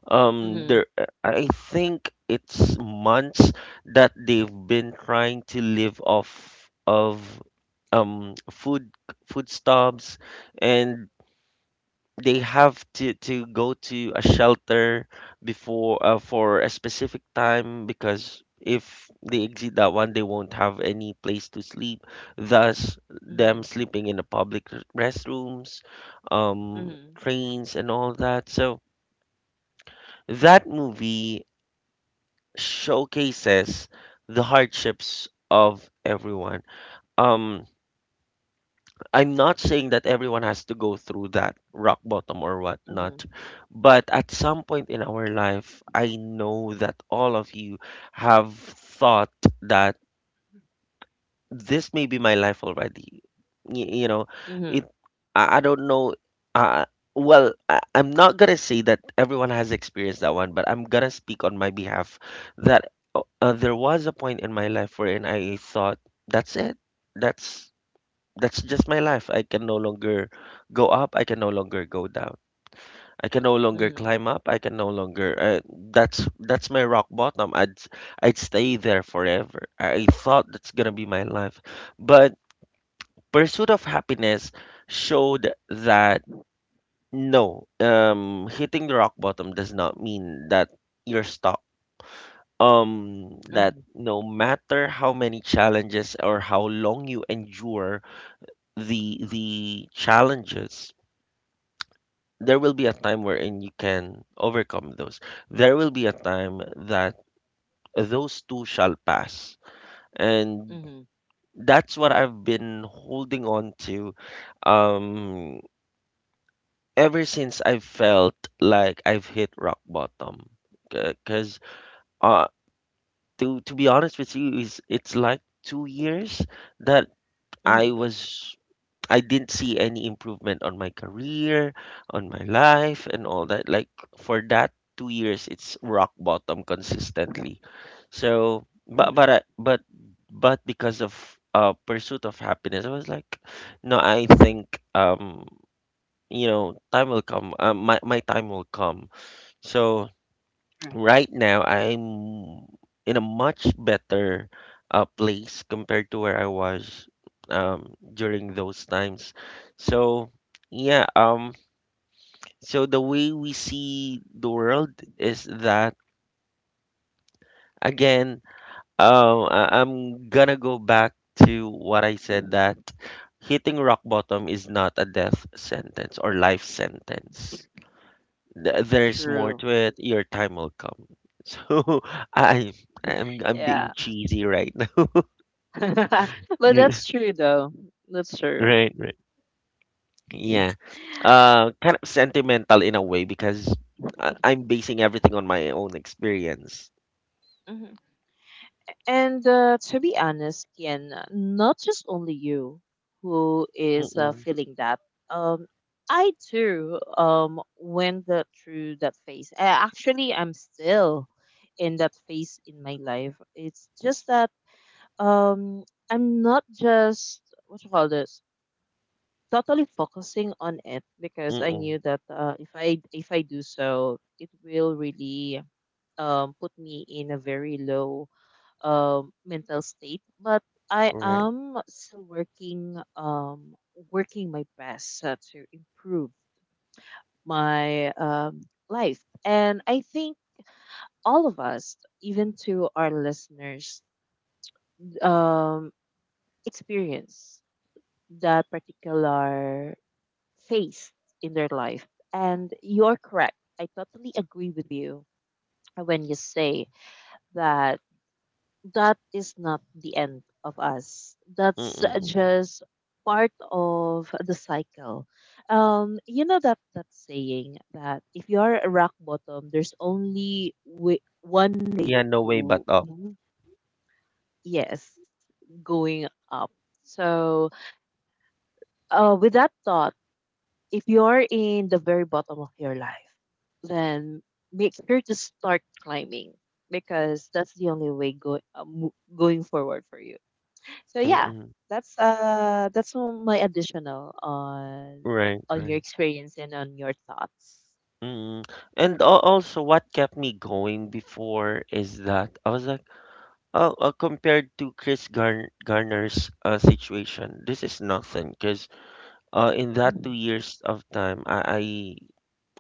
[SPEAKER 1] um
[SPEAKER 2] Mhm.
[SPEAKER 1] there I think it's months that they've been trying to live off of um food food stubs, and they have to go to a shelter before, for a specific time, because if they exit that one they won't have any place to sleep, thus them
[SPEAKER 2] Mhm.
[SPEAKER 1] sleeping in the public restrooms, um
[SPEAKER 2] Mhm.
[SPEAKER 1] trains, and all that. So that movie showcases the hardships of everyone. Um I'm not saying that everyone has to go through that rock bottom or whatnot,
[SPEAKER 2] Mhm,
[SPEAKER 1] but at some point in our life, I know that all of you have thought that this may be my life already. You know
[SPEAKER 2] mhm,
[SPEAKER 1] it. I don't know. Uh, well, I'm not gonna say that everyone has experienced that one, but I'm gonna speak on my behalf that there was a point in my life wherein I thought, that's it. That's that's just my life. I can no longer go up. I can no longer go down. I can no longer
[SPEAKER 2] mhm,
[SPEAKER 1] climb up. I can no longer. That's my rock bottom. I'd stay there forever. I thought that's gonna be my life, but pursuit of happiness showed that no, hitting the rock bottom does not mean that you're stuck. That
[SPEAKER 2] mhm,
[SPEAKER 1] no matter how many challenges or how long you endure the challenges, there will be a time wherein you can overcome those. There will be a time that those two shall pass. And
[SPEAKER 2] mhm,
[SPEAKER 1] that's what I've been holding on to, um, ever since I felt like I've hit rock bottom. Because uh, to be honest with you, is it's like 2 years that I
[SPEAKER 2] mhm,
[SPEAKER 1] was I didn't see any improvement on my career, on my life, and all that. Like for that 2 years, it's rock bottom consistently. So,
[SPEAKER 2] mhm.
[SPEAKER 1] but I- but because of pursuit of happiness, I was like, no, I think time will come. My time will come. So
[SPEAKER 2] True,
[SPEAKER 1] right now I'm in a much better place compared to where I was, during those times. So, yeah, so the way we see the world is that, again, I'm gonna go back to what I said that hitting rock bottom is not a death sentence or life sentence. There's more
[SPEAKER 2] true.
[SPEAKER 1] to it. Your time will come. So I I'm being
[SPEAKER 2] Yeah.
[SPEAKER 1] cheesy right now.
[SPEAKER 2] But
[SPEAKER 1] You-
[SPEAKER 2] that's true though. That's true.
[SPEAKER 1] right, right. Yeah. Kind of sentimental in a way because I'm basing everything on my own experience.
[SPEAKER 2] Mhm. And, to be honest, Ken, not just only you who is,
[SPEAKER 1] Mm-mm,
[SPEAKER 2] feeling that. Um, I too went that through that phase. Actually, I'm still in that phase in my life. It's just that um I'm not just, what you call this, totally focusing on it, because I
[SPEAKER 1] mm-mm,
[SPEAKER 2] knew that, if I do so, it will really put me in a very low mental state. But I
[SPEAKER 1] right.
[SPEAKER 2] am still working working my best, to improve my life. And I think all of us, even to our listeners, um, experience that particular face in their life. And you're correct. I totally agree with you when you say that that is not the end of us.
[SPEAKER 1] Mm-mm.
[SPEAKER 2] That's
[SPEAKER 1] Mm-mm.
[SPEAKER 2] just part of the cycle. You know that that saying that if you are a rock bottom, there's only one way
[SPEAKER 1] Yeah, no way but
[SPEAKER 2] to
[SPEAKER 1] up.
[SPEAKER 2] move. Yes, going up. So, with that thought, if you're in the very bottom of your life, then make sure to start climbing, because that's the only way going forward for you. So yeah,
[SPEAKER 1] Mm-mm,
[SPEAKER 2] that's all my additional on
[SPEAKER 1] right,
[SPEAKER 2] your
[SPEAKER 1] right.
[SPEAKER 2] experience and on your thoughts.
[SPEAKER 1] Mm-mm. And also, what kept me going before is that I was Oh, compared to Garner's situation, this is nothing because in that two
[SPEAKER 2] Mhm.
[SPEAKER 1] years of time, I,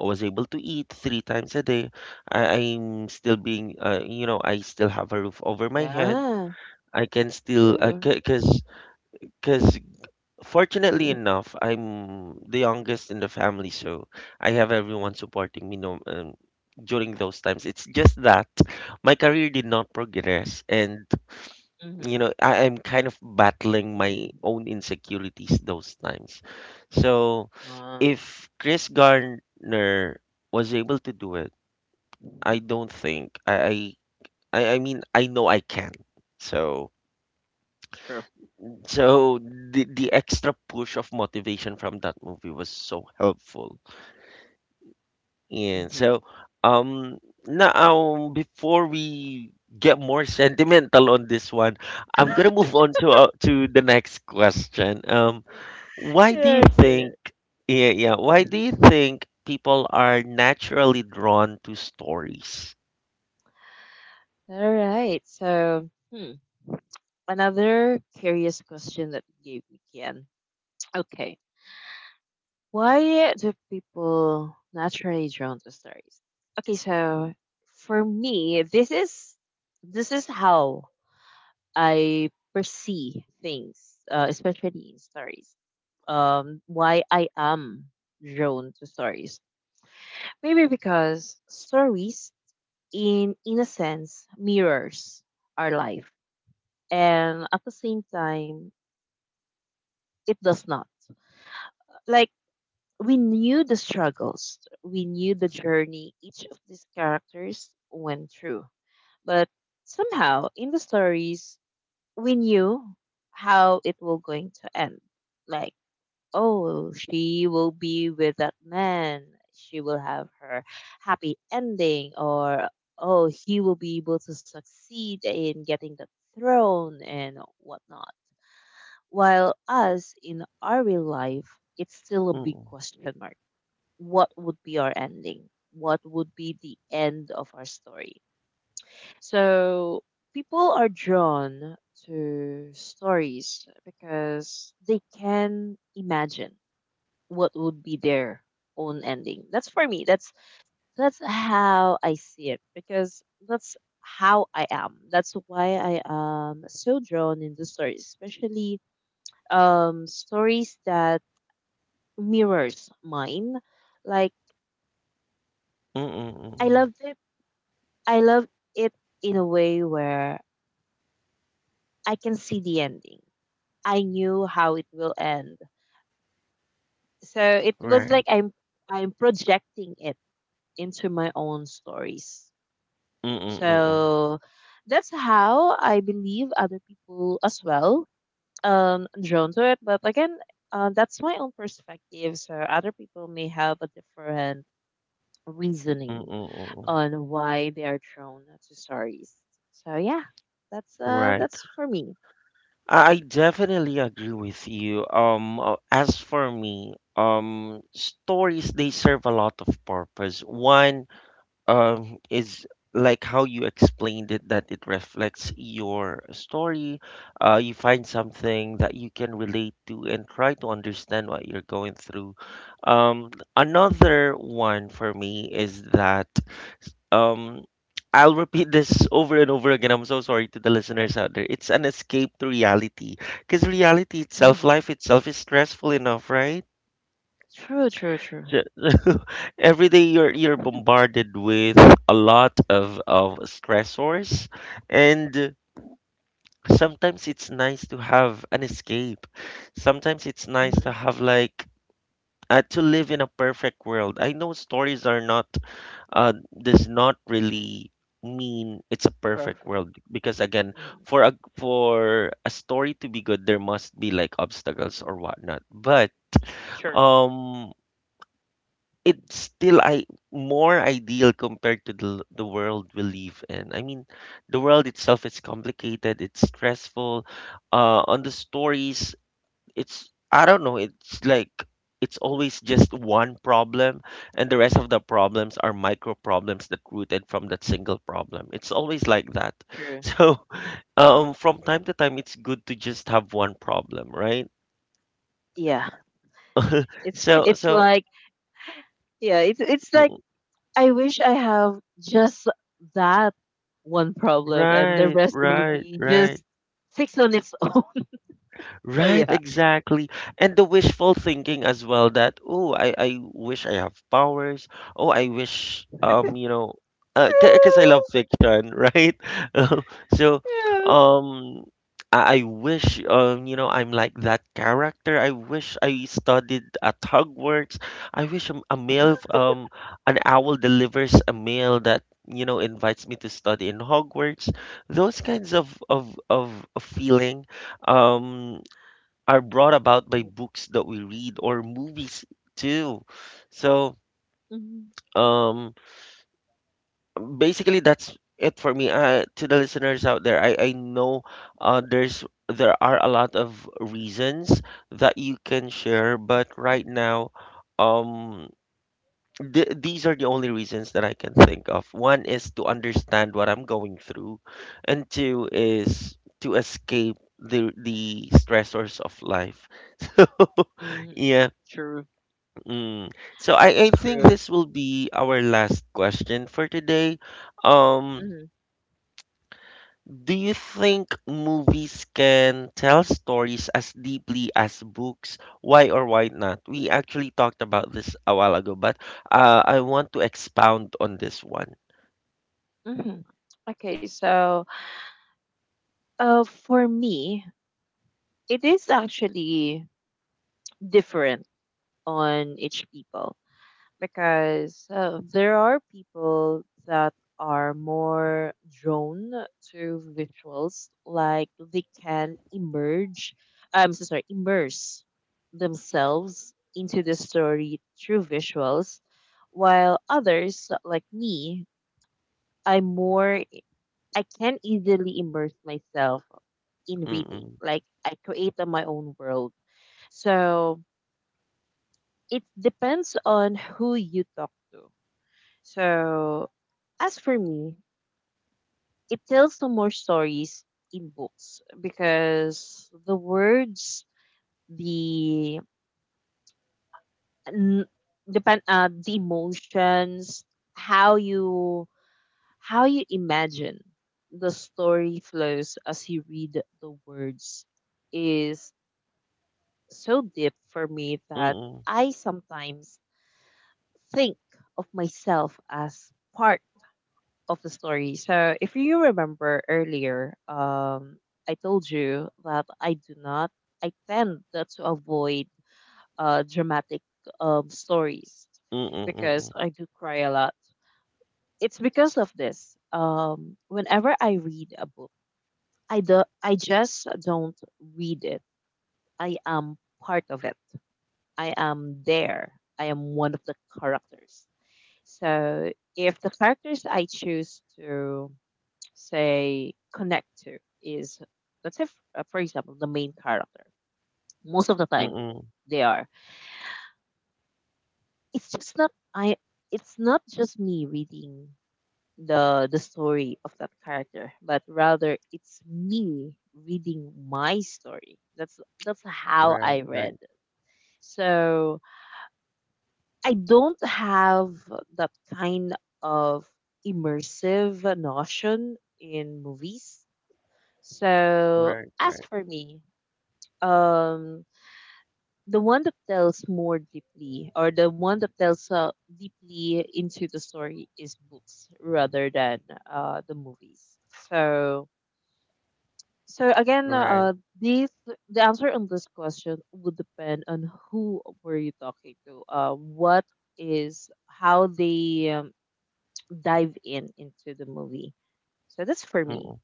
[SPEAKER 1] I was able to eat three times a day. I'm still being, I still have a roof over my head.
[SPEAKER 2] Yeah,
[SPEAKER 1] I can still,
[SPEAKER 2] true.
[SPEAKER 1] because because fortunately enough, I'm the youngest in the family, so I have everyone supporting me. No, during those times, it's just that my career did not progress, and
[SPEAKER 2] Mm-hmm.
[SPEAKER 1] I am kind of battling my own insecurities those times. So
[SPEAKER 2] Uh,
[SPEAKER 1] if Chris Garner was able to do it, I don't think I mean I know I can. So
[SPEAKER 2] true.
[SPEAKER 1] the extra push of motivation from that movie was so helpful. Yeah.
[SPEAKER 2] Mm-hmm.
[SPEAKER 1] So, um now before we get more sentimental on this one, I'm gonna move on to the next question. Why do
[SPEAKER 2] Yeah,
[SPEAKER 1] you
[SPEAKER 2] okay.
[SPEAKER 1] think, yeah, yeah, why do you think people are naturally drawn to stories?
[SPEAKER 2] Yeah. All right. So, hmm, another curious question that you gave me, Kian. Okay. Why do people naturally drawn to stories? Okay, so for me, this is how I perceive things, especially in stories. Why I am drawn to stories? Maybe because stories, in a sense, mirrors our life, and at the same time, it does not. Like, we knew the struggles, we knew the journey each of these characters went through. But somehow in the stories, we knew how it was going to end. Like, oh, she will be with that man, she will have her happy ending, or oh, he will be able to succeed in getting the throne and whatnot, while us in our real life, it's still a big
[SPEAKER 1] Mm,
[SPEAKER 2] question mark. What would be our ending? What would be the end of our story? So people are drawn to stories because they can imagine what would be their own ending. That's for me. That's how I see it because that's how I am. That's why I am so drawn into stories, especially stories that mirrors mine. Like
[SPEAKER 1] mm, mm, mm,
[SPEAKER 2] I
[SPEAKER 1] mm.
[SPEAKER 2] loved it. I loved it in a way where I can see the ending. I knew how it will end. So it was like
[SPEAKER 1] Right.
[SPEAKER 2] I'm projecting it into my own stories.
[SPEAKER 1] Mm, mm, mm, mm.
[SPEAKER 2] So that's how I believe other people as well drawn to it. But again, that's my own perspective. So other people may have a different
[SPEAKER 1] Mm,
[SPEAKER 2] reasoning
[SPEAKER 1] mm, mm, mm.
[SPEAKER 2] on why they are drawn to stories. So yeah, that's uh
[SPEAKER 1] Right.
[SPEAKER 2] that's for me.
[SPEAKER 1] I definitely agree with you. As for me, stories they serve a lot of purpose. One, is like how you explained it, that it reflects your story. You find something that you can relate to and try to understand what you're going through. um Another one for me is that, um I'll repeat this over and over again. I'm so sorry to the
[SPEAKER 2] Uh,
[SPEAKER 1] listeners out there. It's an escape to reality because reality itself,
[SPEAKER 2] mhm.
[SPEAKER 1] life itself, is stressful enough, right?
[SPEAKER 2] True, true, true.
[SPEAKER 1] Ju- every day you're bombarded with a lot of stressors, and sometimes it's nice to have an escape. Sometimes it's nice to
[SPEAKER 2] Hmm.
[SPEAKER 1] have, like, to live in a perfect world. I know stories are not, uh does not really mean it's a perfect
[SPEAKER 2] Perfect.
[SPEAKER 1] world, because, again,
[SPEAKER 2] Mhm.
[SPEAKER 1] for a story to be good there must be, like, obstacles or whatnot. But
[SPEAKER 2] True,
[SPEAKER 1] um it's still I more ideal compared to the world we live in. I mean, the world itself is complicated. It's stressful. On the stories, it's, I don't know, it's like it's always just one problem, and the rest of the problems are micro problems that rooted from that single problem. It's always like that.
[SPEAKER 2] true.
[SPEAKER 1] So, from time to time, it's good to just have one problem, right?
[SPEAKER 2] Yeah, it's
[SPEAKER 1] So,
[SPEAKER 2] it's
[SPEAKER 1] so.
[SPEAKER 2] like yeah, it's like
[SPEAKER 1] mm,
[SPEAKER 2] I wish I have just that one problem, and the
[SPEAKER 1] Right,
[SPEAKER 2] rest will
[SPEAKER 1] right,
[SPEAKER 2] be
[SPEAKER 1] right.
[SPEAKER 2] just fixed on its own. So
[SPEAKER 1] Right,
[SPEAKER 2] yeah.
[SPEAKER 1] exactly. And the wishful thinking as well that, oh, I wish I have powers. Oh, I wish, because I love
[SPEAKER 2] True.
[SPEAKER 1] fiction, right? So,
[SPEAKER 2] Yes.
[SPEAKER 1] um, I wish, I'm like that character. I wish I studied at Hogwarts. I wish a mail, an owl delivers a mail that, invites me to study in Hogwarts. Those kinds of feeling um are brought about by books that we read or movies too. So, um, basically that's it for me. To the listeners out there, I know, there are a lot of reasons that you can share, but right now, um, these are the only reasons that I can think of. One is to understand what I'm going through, and two is to escape the stressors of life. So,
[SPEAKER 2] Mm-hmm.
[SPEAKER 1] yeah.
[SPEAKER 2] True.
[SPEAKER 1] Mm. So, I
[SPEAKER 2] That's
[SPEAKER 1] think
[SPEAKER 2] true.
[SPEAKER 1] this will be our last question for today. Um, do you think movies can tell stories as deeply as books? Why or why not? We actually talked about this a while ago, but I want to expound on this one.
[SPEAKER 2] Mm-hmm. Okay, so for me, it is actually different on each people because there are people that are more drawn to visuals, like they can emerge, I'm so sorry, immerse themselves into the story through visuals, while others, like me, I'm more I can easily immerse myself in reading.
[SPEAKER 1] Mm-mm,
[SPEAKER 2] Like I create on my own world. So it depends on who you talk to. So as for me, it tells some more stories in books because the words, the n- depend the emotions, how you how you imagine the story flows as you read the words is so deep for me that
[SPEAKER 1] mm-mm,
[SPEAKER 2] I sometimes think of myself as part of the story. So if you remember earlier, I told you that I tend not to avoid dramatic stories
[SPEAKER 1] mm-mm,
[SPEAKER 2] because
[SPEAKER 1] mm-mm,
[SPEAKER 2] I do cry a lot. It's because of this. Whenever I read a book, I just don't read it. I am part of it. I am there. I am one of the characters. So if the characters I choose to say connect to is, let's say, for example, the main character, most of the time
[SPEAKER 1] mm-mm.
[SPEAKER 2] they are. It's just not I. It's not just me reading the story of that character, but rather it's me reading my story. That's how
[SPEAKER 1] Right,
[SPEAKER 2] I read.
[SPEAKER 1] right,
[SPEAKER 2] So I don't have that kind of immersive notion in movies. So
[SPEAKER 1] right,
[SPEAKER 2] as
[SPEAKER 1] right,
[SPEAKER 2] for me, um, the one that tells more deeply, or the one that tells deeply into the story, is books rather than the movies. So, so again,
[SPEAKER 1] right.
[SPEAKER 2] this the answer on this question would depend on who were you talking to. What is how they dive in into the movie. So that's for me.
[SPEAKER 1] Mm-mm.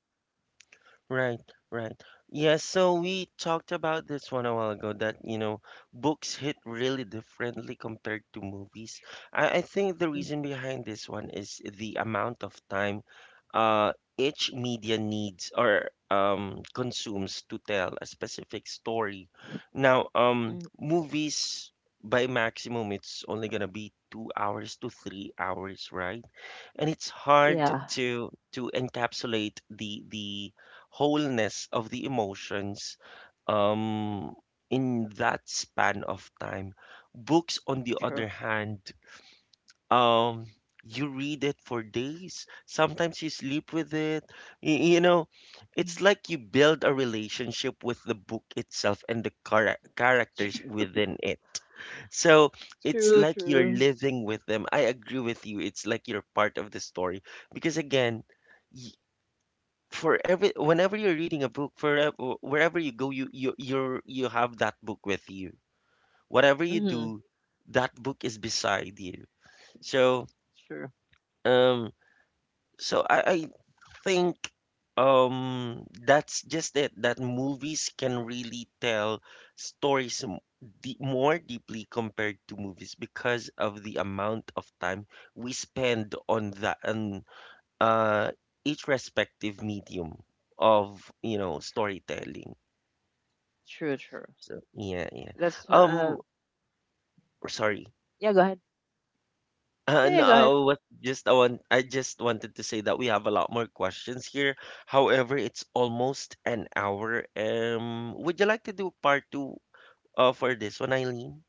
[SPEAKER 1] Right, right. Yeah, so we talked about this one a while ago that, books hit really differently compared to movies. I think the
[SPEAKER 2] Mm,
[SPEAKER 1] reason behind this one is the amount of time each media needs, or consumes to tell a specific story. Now,
[SPEAKER 2] mm,
[SPEAKER 1] movies by maximum, it's only gonna be 2 hours to 3 hours, right? And it's hard
[SPEAKER 2] yeah,
[SPEAKER 1] to encapsulate the wholeness of the emotions um in that span of time. Books, on the
[SPEAKER 2] true.
[SPEAKER 1] other hand, um, you read it for days. Sometimes you sleep with it. You know, it's
[SPEAKER 2] Mm.
[SPEAKER 1] like you build a relationship with the book itself and the characters within it. So it's
[SPEAKER 2] True,
[SPEAKER 1] like you're
[SPEAKER 2] true.
[SPEAKER 1] living with them. I agree with you. It's like you're part of the story because, again, y- for every whenever you're reading a book, wherever you go, you have that book with you. Whatever you
[SPEAKER 2] Mm-hmm.
[SPEAKER 1] do, that book is beside you. So
[SPEAKER 2] True,
[SPEAKER 1] um I think that's just it that movies can really tell stories more deeply compared to movies because of the amount of time we spend on that, on uh each respective medium of storytelling.
[SPEAKER 2] true, true.
[SPEAKER 1] So, yeah, yeah.
[SPEAKER 2] That's
[SPEAKER 1] Um Sorry.
[SPEAKER 2] yeah. Go ahead. Yeah,
[SPEAKER 1] No,
[SPEAKER 2] yeah, go
[SPEAKER 1] I
[SPEAKER 2] ahead.
[SPEAKER 1] was just I just wanted to say that we have a lot more questions here. However, it's almost an hour. Would you like to do part two for this one, Eileen?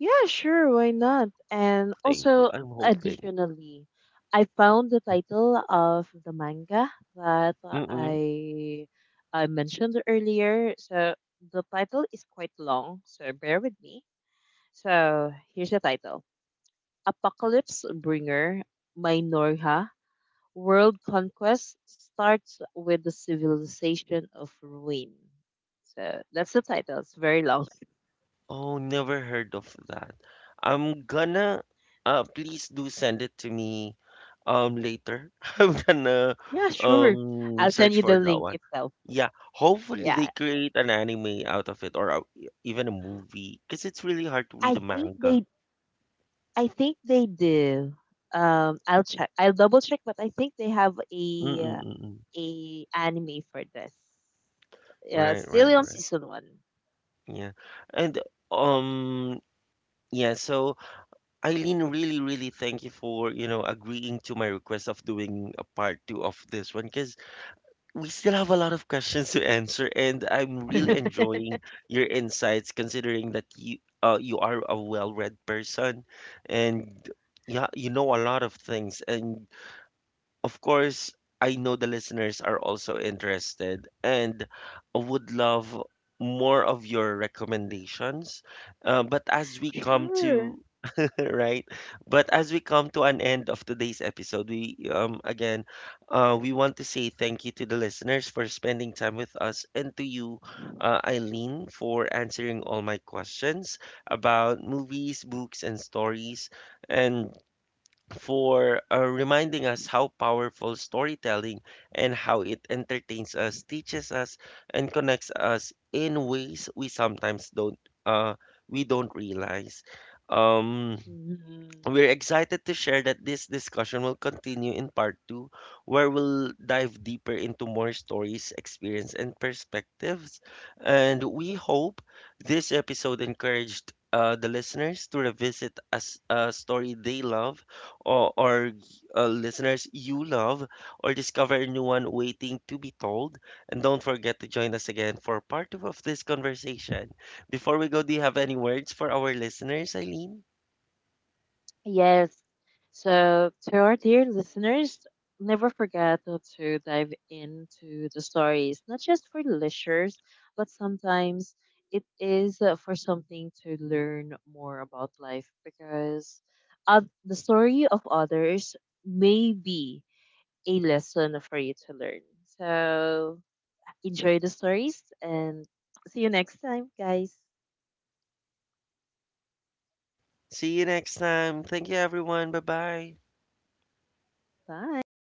[SPEAKER 2] Yeah, sure. Why not? And
[SPEAKER 1] Thank you.
[SPEAKER 2] also,
[SPEAKER 1] I'm hoping.
[SPEAKER 2] additionally, I found the title of the manga that
[SPEAKER 1] Mm-mm.
[SPEAKER 2] I I mentioned earlier. So the title is quite long. So bear with me. So here's the title. Apocalypse Bringer by Norha, World Conquest starts with the civilization of ruin. So that's the title. It's very long.
[SPEAKER 1] Oh, never heard of that. I'm gonna— please do send it to me later. I'm gonna
[SPEAKER 2] Yeah, sure. I'll send
[SPEAKER 1] search
[SPEAKER 2] you
[SPEAKER 1] for
[SPEAKER 2] the
[SPEAKER 1] that
[SPEAKER 2] link
[SPEAKER 1] one.
[SPEAKER 2] itself.
[SPEAKER 1] Yeah, hopefully they
[SPEAKER 2] Yeah,
[SPEAKER 1] create an anime out of it or even a movie because it's really hard to
[SPEAKER 2] I
[SPEAKER 1] read a
[SPEAKER 2] think
[SPEAKER 1] manga.
[SPEAKER 2] they. I think they do. I'll check. I'll double check, but I think they have
[SPEAKER 1] Mm-mm-mm.
[SPEAKER 2] a anime for this. Yeah, it's
[SPEAKER 1] Right, right,
[SPEAKER 2] still on
[SPEAKER 1] right.
[SPEAKER 2] season one.
[SPEAKER 1] Yeah. And um yeah, so Eileen, really, really thank you for, agreeing to my request of doing a part two of this one because we still have a lot of questions to answer, and I'm really enjoying your insights considering that you are a well-read person and, yeah, you know a lot of things. And of course, I know the listeners are also interested and would love more of your recommendations. But as we come
[SPEAKER 2] Sure.
[SPEAKER 1] to— right? But as we come to an end of today's episode, we again, we want to say thank you to the listeners for spending time with us, and to you, Eileen, for answering all my questions about movies, books, and stories, and for reminding us how powerful storytelling and how it entertains us, teaches us, and connects us in ways we sometimes uh don't realize. Um,
[SPEAKER 2] Mhm.
[SPEAKER 1] we're excited to share that this discussion will continue in part two, where we'll dive deeper into more stories, experience, and perspectives. And we hope this episode encouraged the listeners to revisit a story they love, or listeners you love, or discover a new one waiting to be told. And don't forget to join us again for part two of this conversation. Before we go, do you have any words for our listeners, Eileen?
[SPEAKER 2] Yes. So, to our dear listeners, never forget to dive into the stories, not just for leisures, but sometimes it is for something to learn more about life because the story of others may be a lesson for you to learn. So, enjoy the stories and see you next time, guys.
[SPEAKER 1] See you next time. Thank you, everyone. Bye bye.
[SPEAKER 2] Bye.